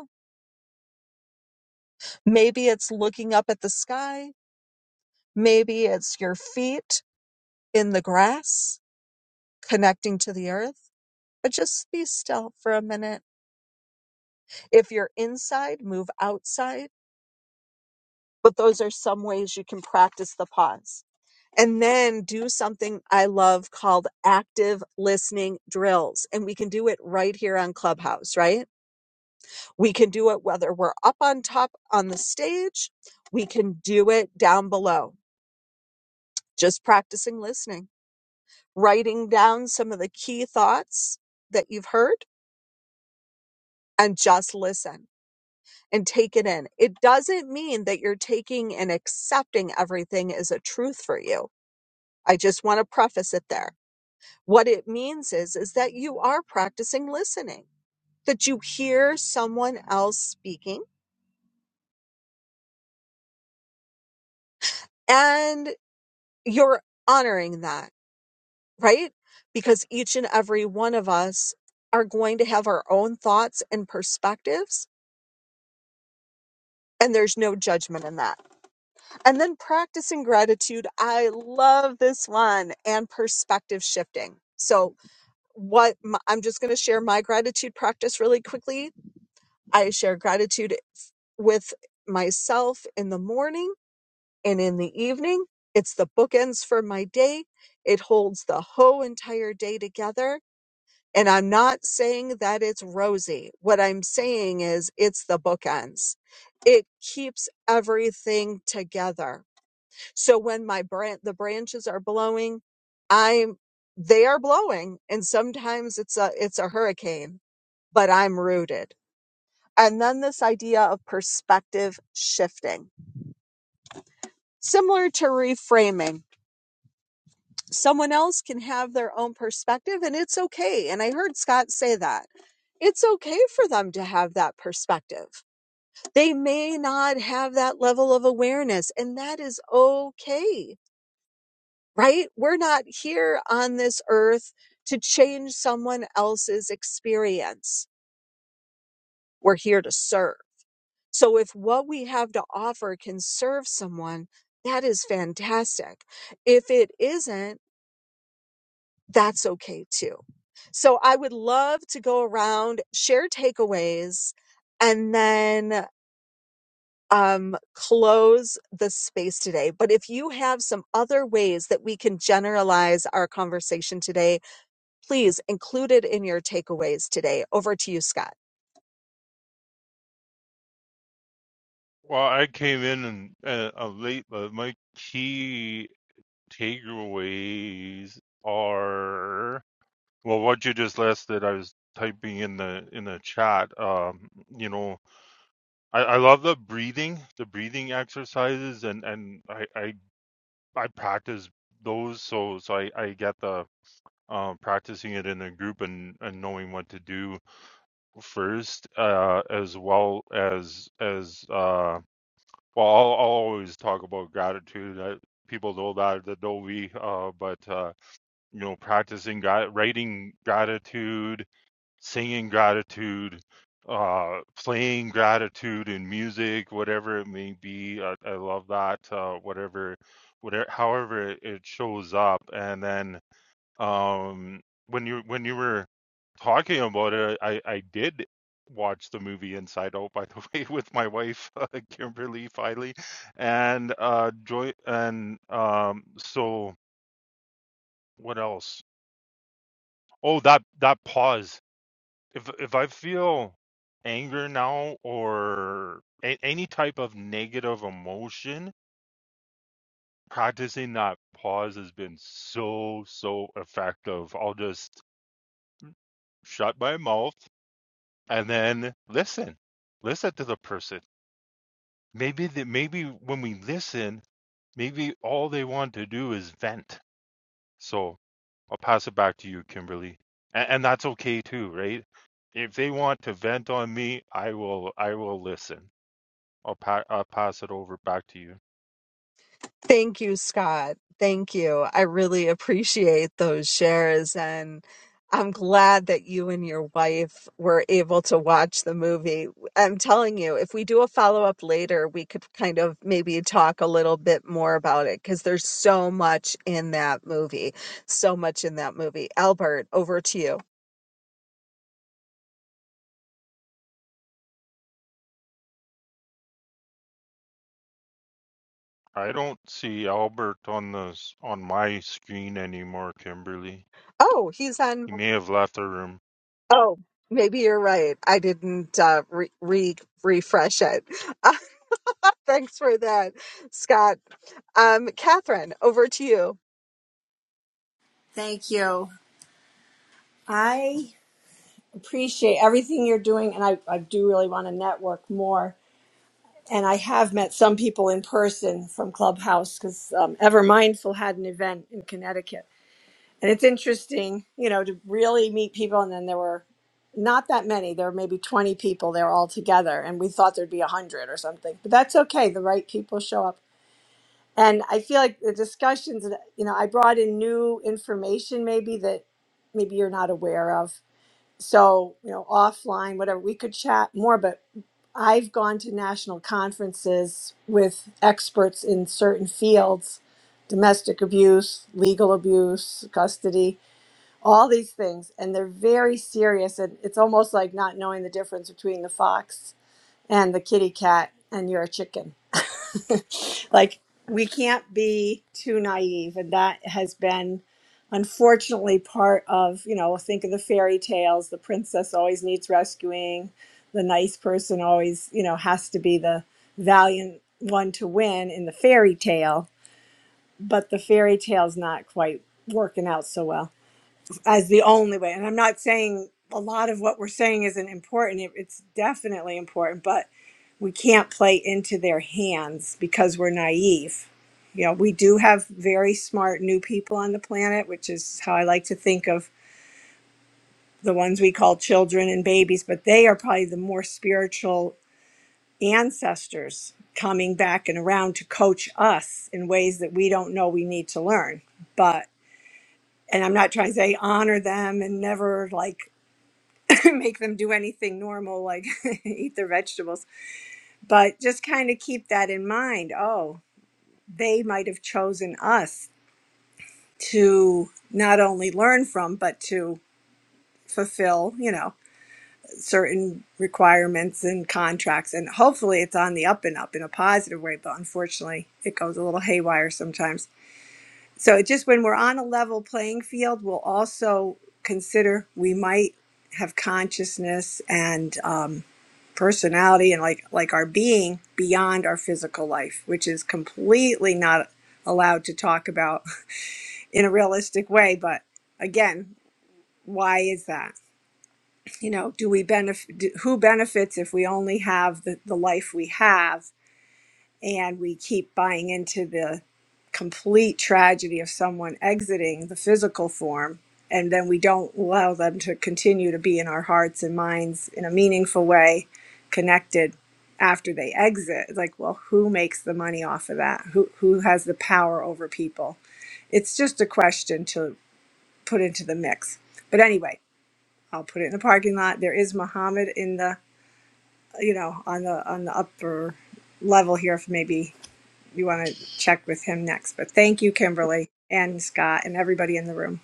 Maybe it's looking up at the sky. Maybe it's your feet in the grass connecting to the earth. But just be still for a minute. If you're inside, move outside. But those are some ways you can practice the pause. And then do something I love called active listening drills. And we can do it right here on Clubhouse, right? We can do it whether we're up on top on the stage, we can do it down below, just practicing listening. writing down some of the key thoughts that you've heard and just listen and take it in. It doesn't mean that you're taking and accepting everything as a truth for you. I just want to preface it there. What it means is is that you are practicing listening, that you hear someone else speaking and you're honoring that, right? Because each and every one of us are going to have our own thoughts and perspectives and there's no judgment in that And then practicing gratitude. I love this one and perspective shifting. So, what my, I'm just going to share my gratitude practice really quickly. I share gratitude with myself in the morning and in the evening. It's the bookends for my day. It holds the whole entire day together. And I'm not saying that it's rosy. What I'm saying is it's the bookends. It keeps everything together so when my branch, the branches are blowing, I'm, they are blowing. And sometimes it's a, it's a hurricane, but I'm rooted. And then this idea of perspective shifting, similar to reframing. Someone else can have their own perspective and it's okay. And I heard Scott say that. It's okay for them to have that perspective. They may not have that level of awareness, and that is okay right? We're not here on this earth to change someone else's experience. We're here to serve. So if what we have to offer can serve someone, that is fantastic. If it isn't, that's okay too. So I would love to go around, share takeaways, and then um, close the space today. But if you have some other ways that we can generalize our conversation today, Please include it in your takeaways today. Over to you, Scott. well, I came in and uh, uh, late, but my key takeaways are well, what you just listed, I was typing in the in the chat um you know I, I love the breathing, the breathing exercises, and and I, I I practice those, so so I I get the uh, practicing it in a group and and knowing what to do first, uh, as well as as uh, well. I'll, I'll always talk about gratitude. I, people know that that know me, uh, but uh, you know, practicing gra- writing gratitude singing gratitude, uh, playing gratitude in music, whatever it may be. I, I love that. Uh, whatever, whatever, however it, it shows up. And then um, when you when you were talking about it, I, I did watch the movie Inside Out by the way with my wife uh, Kimberly Filey and uh joy and um so what else oh that that pause if if I feel anger now or a- any type of negative emotion, practicing that pause has been so so effective. I'll just shut my mouth and then listen, listen to the person. Maybe the, maybe when we listen, maybe all they want to do is vent. So I'll pass it back to you, Kimberly, and, and that's okay too, right? If they want to vent on me, I will I will listen. I'll pa- I'll pass it over back to you. Thank you, Scott. Thank you. I really appreciate those shares. And I'm glad that you and your wife were able to watch the movie. I'm telling you, if we do a follow up later, we could kind of maybe talk a little bit more about it because there's so much in that movie. So much in that movie. Albert, over to you. I don't see Albert on the s- on my screen anymore, Kimberly. Oh, he's on. He may have left the room. Oh, maybe you're right. I didn't uh, re- re- refresh it. Thanks for that, Scott. Um, Catherine, over to you. thank you i appreciate everything you're doing and i, I do really want to network more And I have met some people in person from Clubhouse because um, Ever Mindful had an event in Connecticut. And it's interesting, you know, to really meet people. And then there were not that many. There were maybe 20 people there all together. And we thought there'd be 100 or something. But that's okay. The right people show up. And I feel like the discussions, that you know, I brought in new information maybe that maybe you're not aware of. So, you know, offline, whatever, we could chat more. But I've gone to national conferences with experts in certain fields domestic abuse, legal abuse, custody, all these things. And they're very serious. And it's almost like not knowing the difference between the fox and the kitty cat and you're a chicken. like we can't be too naive and that has been unfortunately part of, you know, think of the fairy tales, the princess always needs rescuing, the nice person always, you know, has to be the valiant one to win in the fairy tale, but the fairy tale's not quite working out so well as the only way. And I'm not saying a lot of what we're saying isn't important. It, it's definitely important, but we can't play into their hands because we're naive. You know, we do have very smart new people on the planet, which is how I like to think of the ones we call children and babies, but they are probably the more spiritual ancestors coming back and around to coach us in ways that we don't know we need to learn. But, and I'm not trying to say honor them and never like make them do anything normal, like eat their vegetables, but just kind of keep that in mind. Oh, they might have chosen us to not only learn from but to fulfill you know certain requirements and contracts and hopefully it's on the up and up in a positive way but unfortunately it goes a little haywire sometimes so it just when we're on a level playing field we'll also consider we might have consciousness and um, personality and like like our being beyond our physical life which is completely not allowed to talk about in a realistic way. But again, why is that? You know, do we benefit? Do, who benefits if we only have the, the life we have and we keep buying into the complete tragedy of someone exiting the physical form? And then we don't allow them to continue to be in our hearts and minds in a meaningful way, connected after they exit. It's Like, well, who makes the money off of that? Who who has the power over people? It's just a question to put into the mix. But anyway, I'll put it in the parking lot. There is Muhammad in the you know on the on the upper level here. If maybe you want to check with him next. But thank you, Kimberly and Scott and everybody in the room.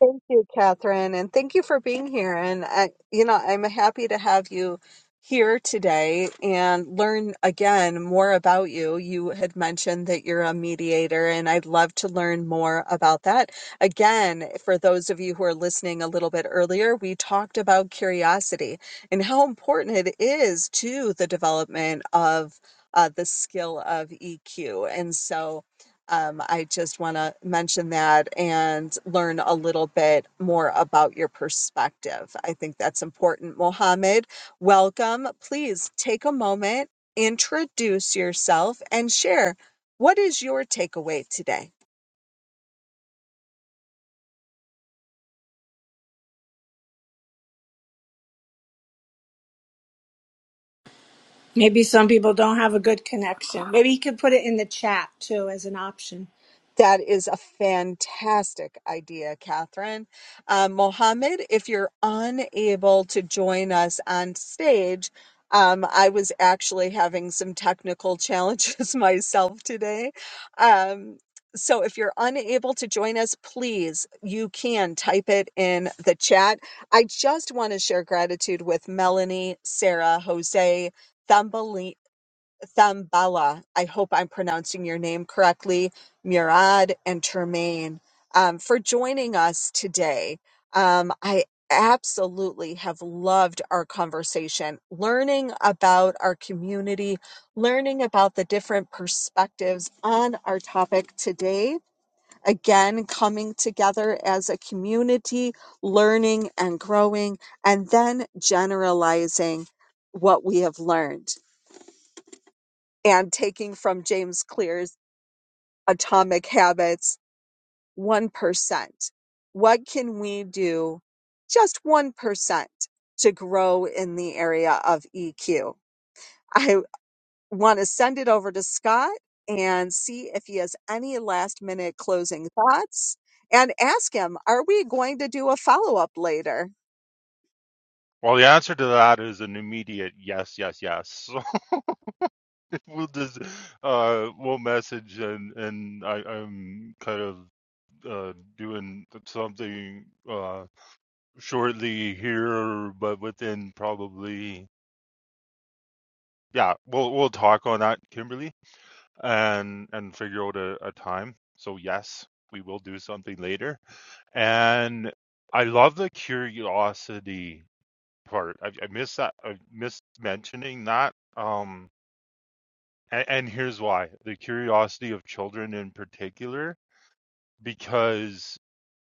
Thank you, Catherine, and thank you for being here. And I, you know, I'm happy to have you here today and learn again more about you. You had mentioned that you're a mediator, and I'd love to learn more about that. Again, for those of you who are listening a little bit earlier, we talked about curiosity and how important it is to the development of uh, the skill of EQ. And so, um, I just want to mention that and learn a little bit more about your perspective. I think that's important. Mohammed, welcome. Please take a moment, introduce yourself, and share what is your takeaway today? Maybe some people don't have a good connection. Maybe you could put it in the chat too as an option. That is a fantastic idea, Catherine. Uh, Mohammed, if you're unable to join us on stage, um, I was actually having some technical challenges myself today. Um, so if you're unable to join us, please, you can type it in the chat. I just want to share gratitude with Melanie, Sarah, Jose, Thumbelina. Thambala, I hope I'm pronouncing your name correctly, Murad and Tremaine, um, for joining us today. Um, I absolutely have loved our conversation, learning about our community, learning about the different perspectives on our topic today. Again, coming together as a community, learning and growing, and then generalizing what we have learned and taking from James Clear's Atomic Habits 1%. What can we do just 1% to grow in the area of EQ? I want to send it over to Scott and see if he has any last minute closing thoughts and ask him, are we going to do a follow up later? Well, the answer to that is an immediate yes, yes, yes. So we'll just uh we'll message and and I, I'm kind of uh doing something uh shortly here, but within probably yeah, we'll we'll talk on that, Kimberly. and and figure out a, a time. So yes, we will do something later. And I love the curiosity part. I, I miss that. I miss mentioning that. Um, and, and here's why: the curiosity of children in particular, because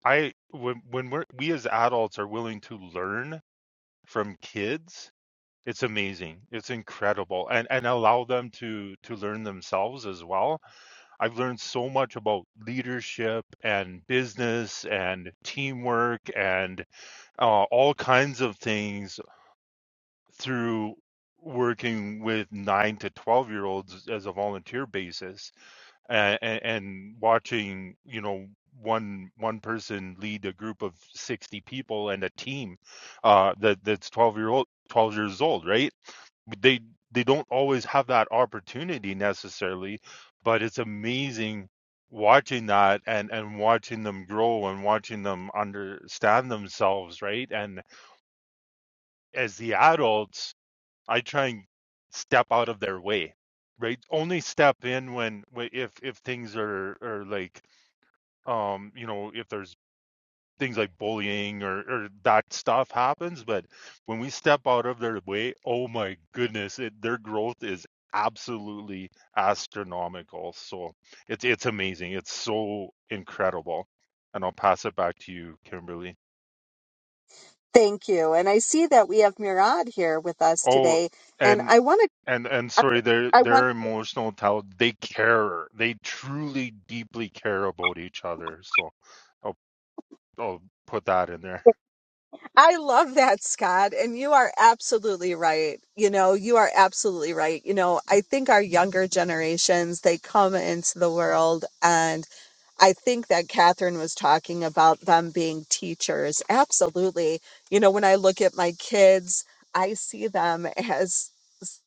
I when when we're we as adults are willing to learn from kids. It's amazing. It's incredible, and and allow them to to learn themselves as well I've learned so much about leadership and business and teamwork and uh, all kinds of things through working with nine to 12 year olds as a volunteer basis and, and watching, you know, one one person lead a group of 60 people and a team uh that that's 12 year old 12 years old right they they don't always have that opportunity necessarily but it's amazing watching that and and watching them grow and watching them understand themselves right and as the adults i try and step out of their way right only step in when wh- if if things are are like um you know if there's things like bullying or, or that stuff happens. But when we step out of their way, oh my goodness, it, their growth is absolutely astronomical. So it's it's amazing. It's so incredible. And I'll pass it back to you, Kimberly. Thank you. And I see that we have Murad here with us Oh, today. And and I want and and to, sorry, their I want their to emotional talent. They care. They truly, deeply care about each other. So I'll I'll put that in there. I love that, Scott. And you are absolutely right. You know, you are absolutely right. You know, I think our younger generations, they come into the world, and I think that Catherine was talking about them being teachers. Absolutely. You know, when I look at my kids, I see them as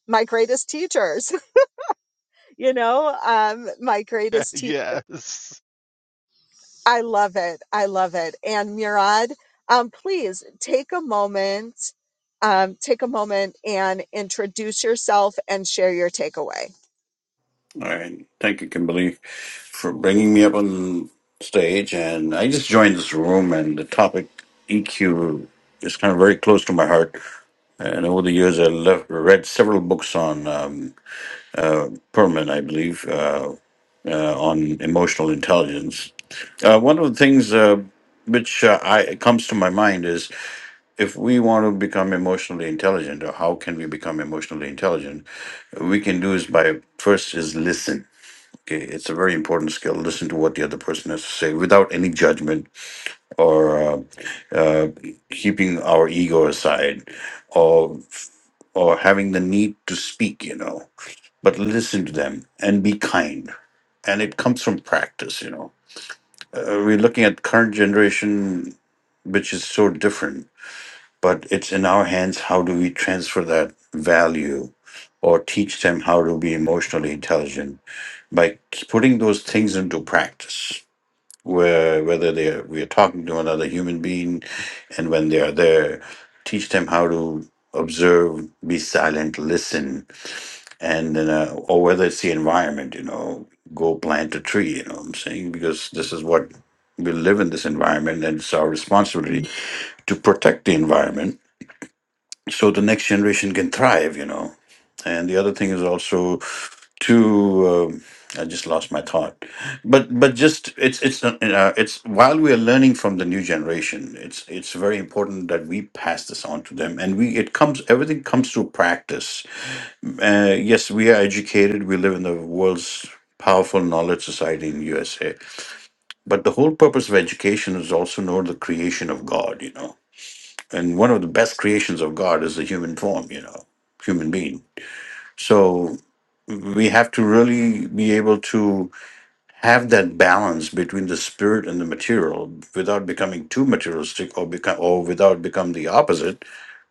my greatest teachers. You know, um, my greatest teachers. yes. I love it. I love it. And Murad, um, please take a moment, um, take a moment and introduce yourself and share your takeaway. All right. Thank you, Kimberly, for bringing me up on stage. And I just joined this room, and the topic EQ is kind of very close to my heart. And over the years, I left, read several books on um, uh, Perman, I believe, uh, uh, on emotional intelligence. Uh, one of the things uh, which uh, I comes to my mind is if we want to become emotionally intelligent, or how can we become emotionally intelligent? We can do is by first is listen Okay, it's a very important skill. Listen to what the other person has to say without any judgment or uh, uh, keeping our ego aside or or having the need to speak, you know. But listen to them and be kind. And it comes from practice, you know. Uh, we're looking at current generation, which is so different, but it's in our hands. How do we transfer that value or teach them how to be emotionally intelligent by k- putting those things into practice? where whether they are, we are talking to another human being, and when they are there, teach them how to observe, be silent, listen, and then uh, or whether it's the environment, you know, go plant a tree. You know, what I'm saying because this is what we live in this environment, and it's our responsibility to protect the environment so the next generation can thrive. You know, and the other thing is also to um I just lost my thought, but but just it's it's uh, uh, it's while we are learning from the new generation, it's it's very important that we pass this on to them, and we it comes everything comes through practice. Uh, yes, we are educated. We live in the world's powerful knowledge society in USA, but the whole purpose of education is also know the creation of God. You know, and one of the best creations of God is the human form. You know, human being. So we have to really be able to have that balance between the spirit and the material without becoming too materialistic or become or without become the opposite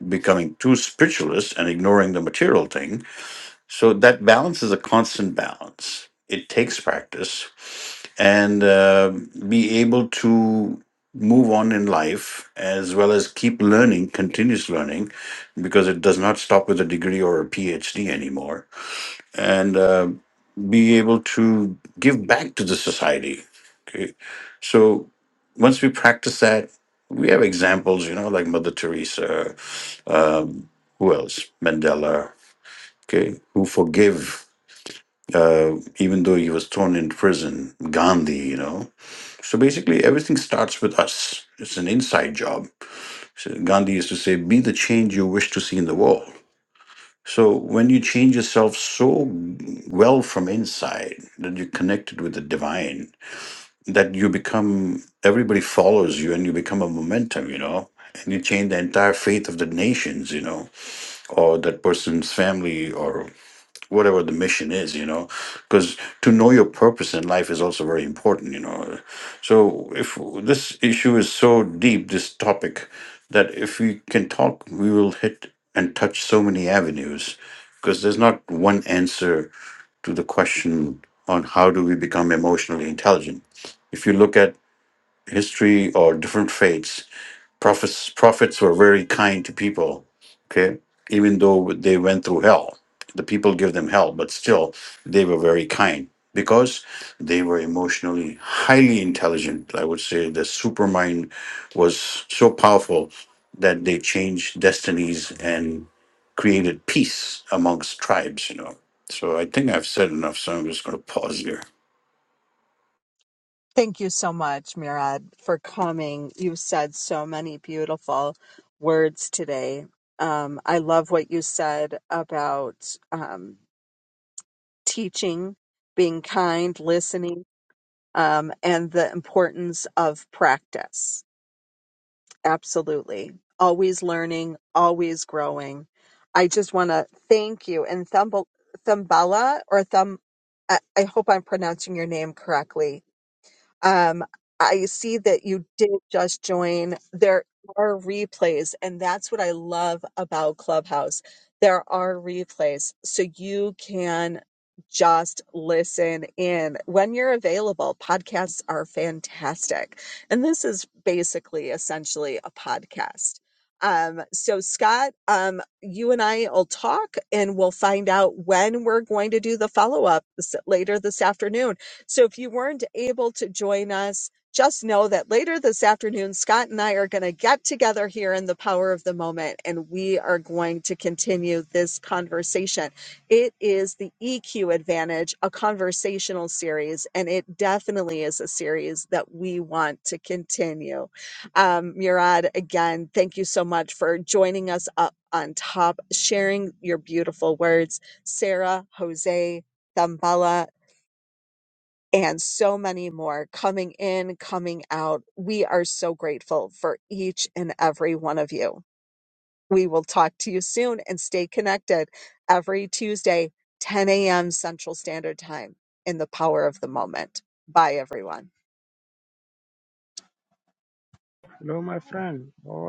becoming too spiritualist and ignoring the material thing so that balance is a constant balance it takes practice and uh, be able to move on in life as well as keep learning continuous learning because it does not stop with a degree or a phd anymore and uh, be able to give back to the society. Okay. So once we practice that, we have examples, you know, like Mother Teresa, um, who else? Mandela, okay, who forgive uh, even though he was thrown into prison, Gandhi, you know. So basically, everything starts with us. It's an inside job. So Gandhi used to say, be the change you wish to see in the world. So when you change yourself so well from inside that you're connected with the divine, that you become everybody follows you and you become a momentum you know and you change the entire fate of the nations you know or that person's family or whatever the mission is you know because to know your purpose in life is also very important you know so if this issue is so deep this topic that if we can talk we will hit and touch so many avenues because there's not one answer to the question on how do we become emotionally intelligent if you look at history or different faiths, prophets prophets were very kind to people. Okay, even though they went through hell, the people give them hell, but still they were very kind because they were emotionally highly intelligent. I would say the supermind was so powerful that they changed destinies and created peace amongst tribes. You know. So I think I've said enough. So I'm just going to pause here. Thank you so much, Murad, for coming. You said so many beautiful words today. Um, I love what you said about um, teaching, being kind, listening, um, and the importance of practice Absolutely. Always learning, always growing. I just want to thank you. And Thumb- Thumbala or Thumb, I, I hope I'm pronouncing your name correctly. Um, I see that you did just join. There are replays, and that's what I love about Clubhouse. There are replays, so you can just listen in when you're available. Podcasts are fantastic, and this is basically essentially a podcast. Um, so Scott, um, you and I will talk and we'll find out when we're going to do the follow up later this afternoon so if you weren't able to join us, just know that later this afternoon, Scott and I are going to get together here in the power of the moment and we are going to continue this conversation. It is the EQ Advantage, a conversational series, and it definitely is a series that we want to continue. Um, Murad, again, thank you so much for joining us up on top, sharing your beautiful words. Sarah, Jose, Thambala, and so many more coming in, coming out. We are so grateful for each and every one of you. We will talk to you soon and stay connected every Tuesday, 10 a.m. Central Standard Time in the power of the moment. Bye, everyone. Hello, my friend. How?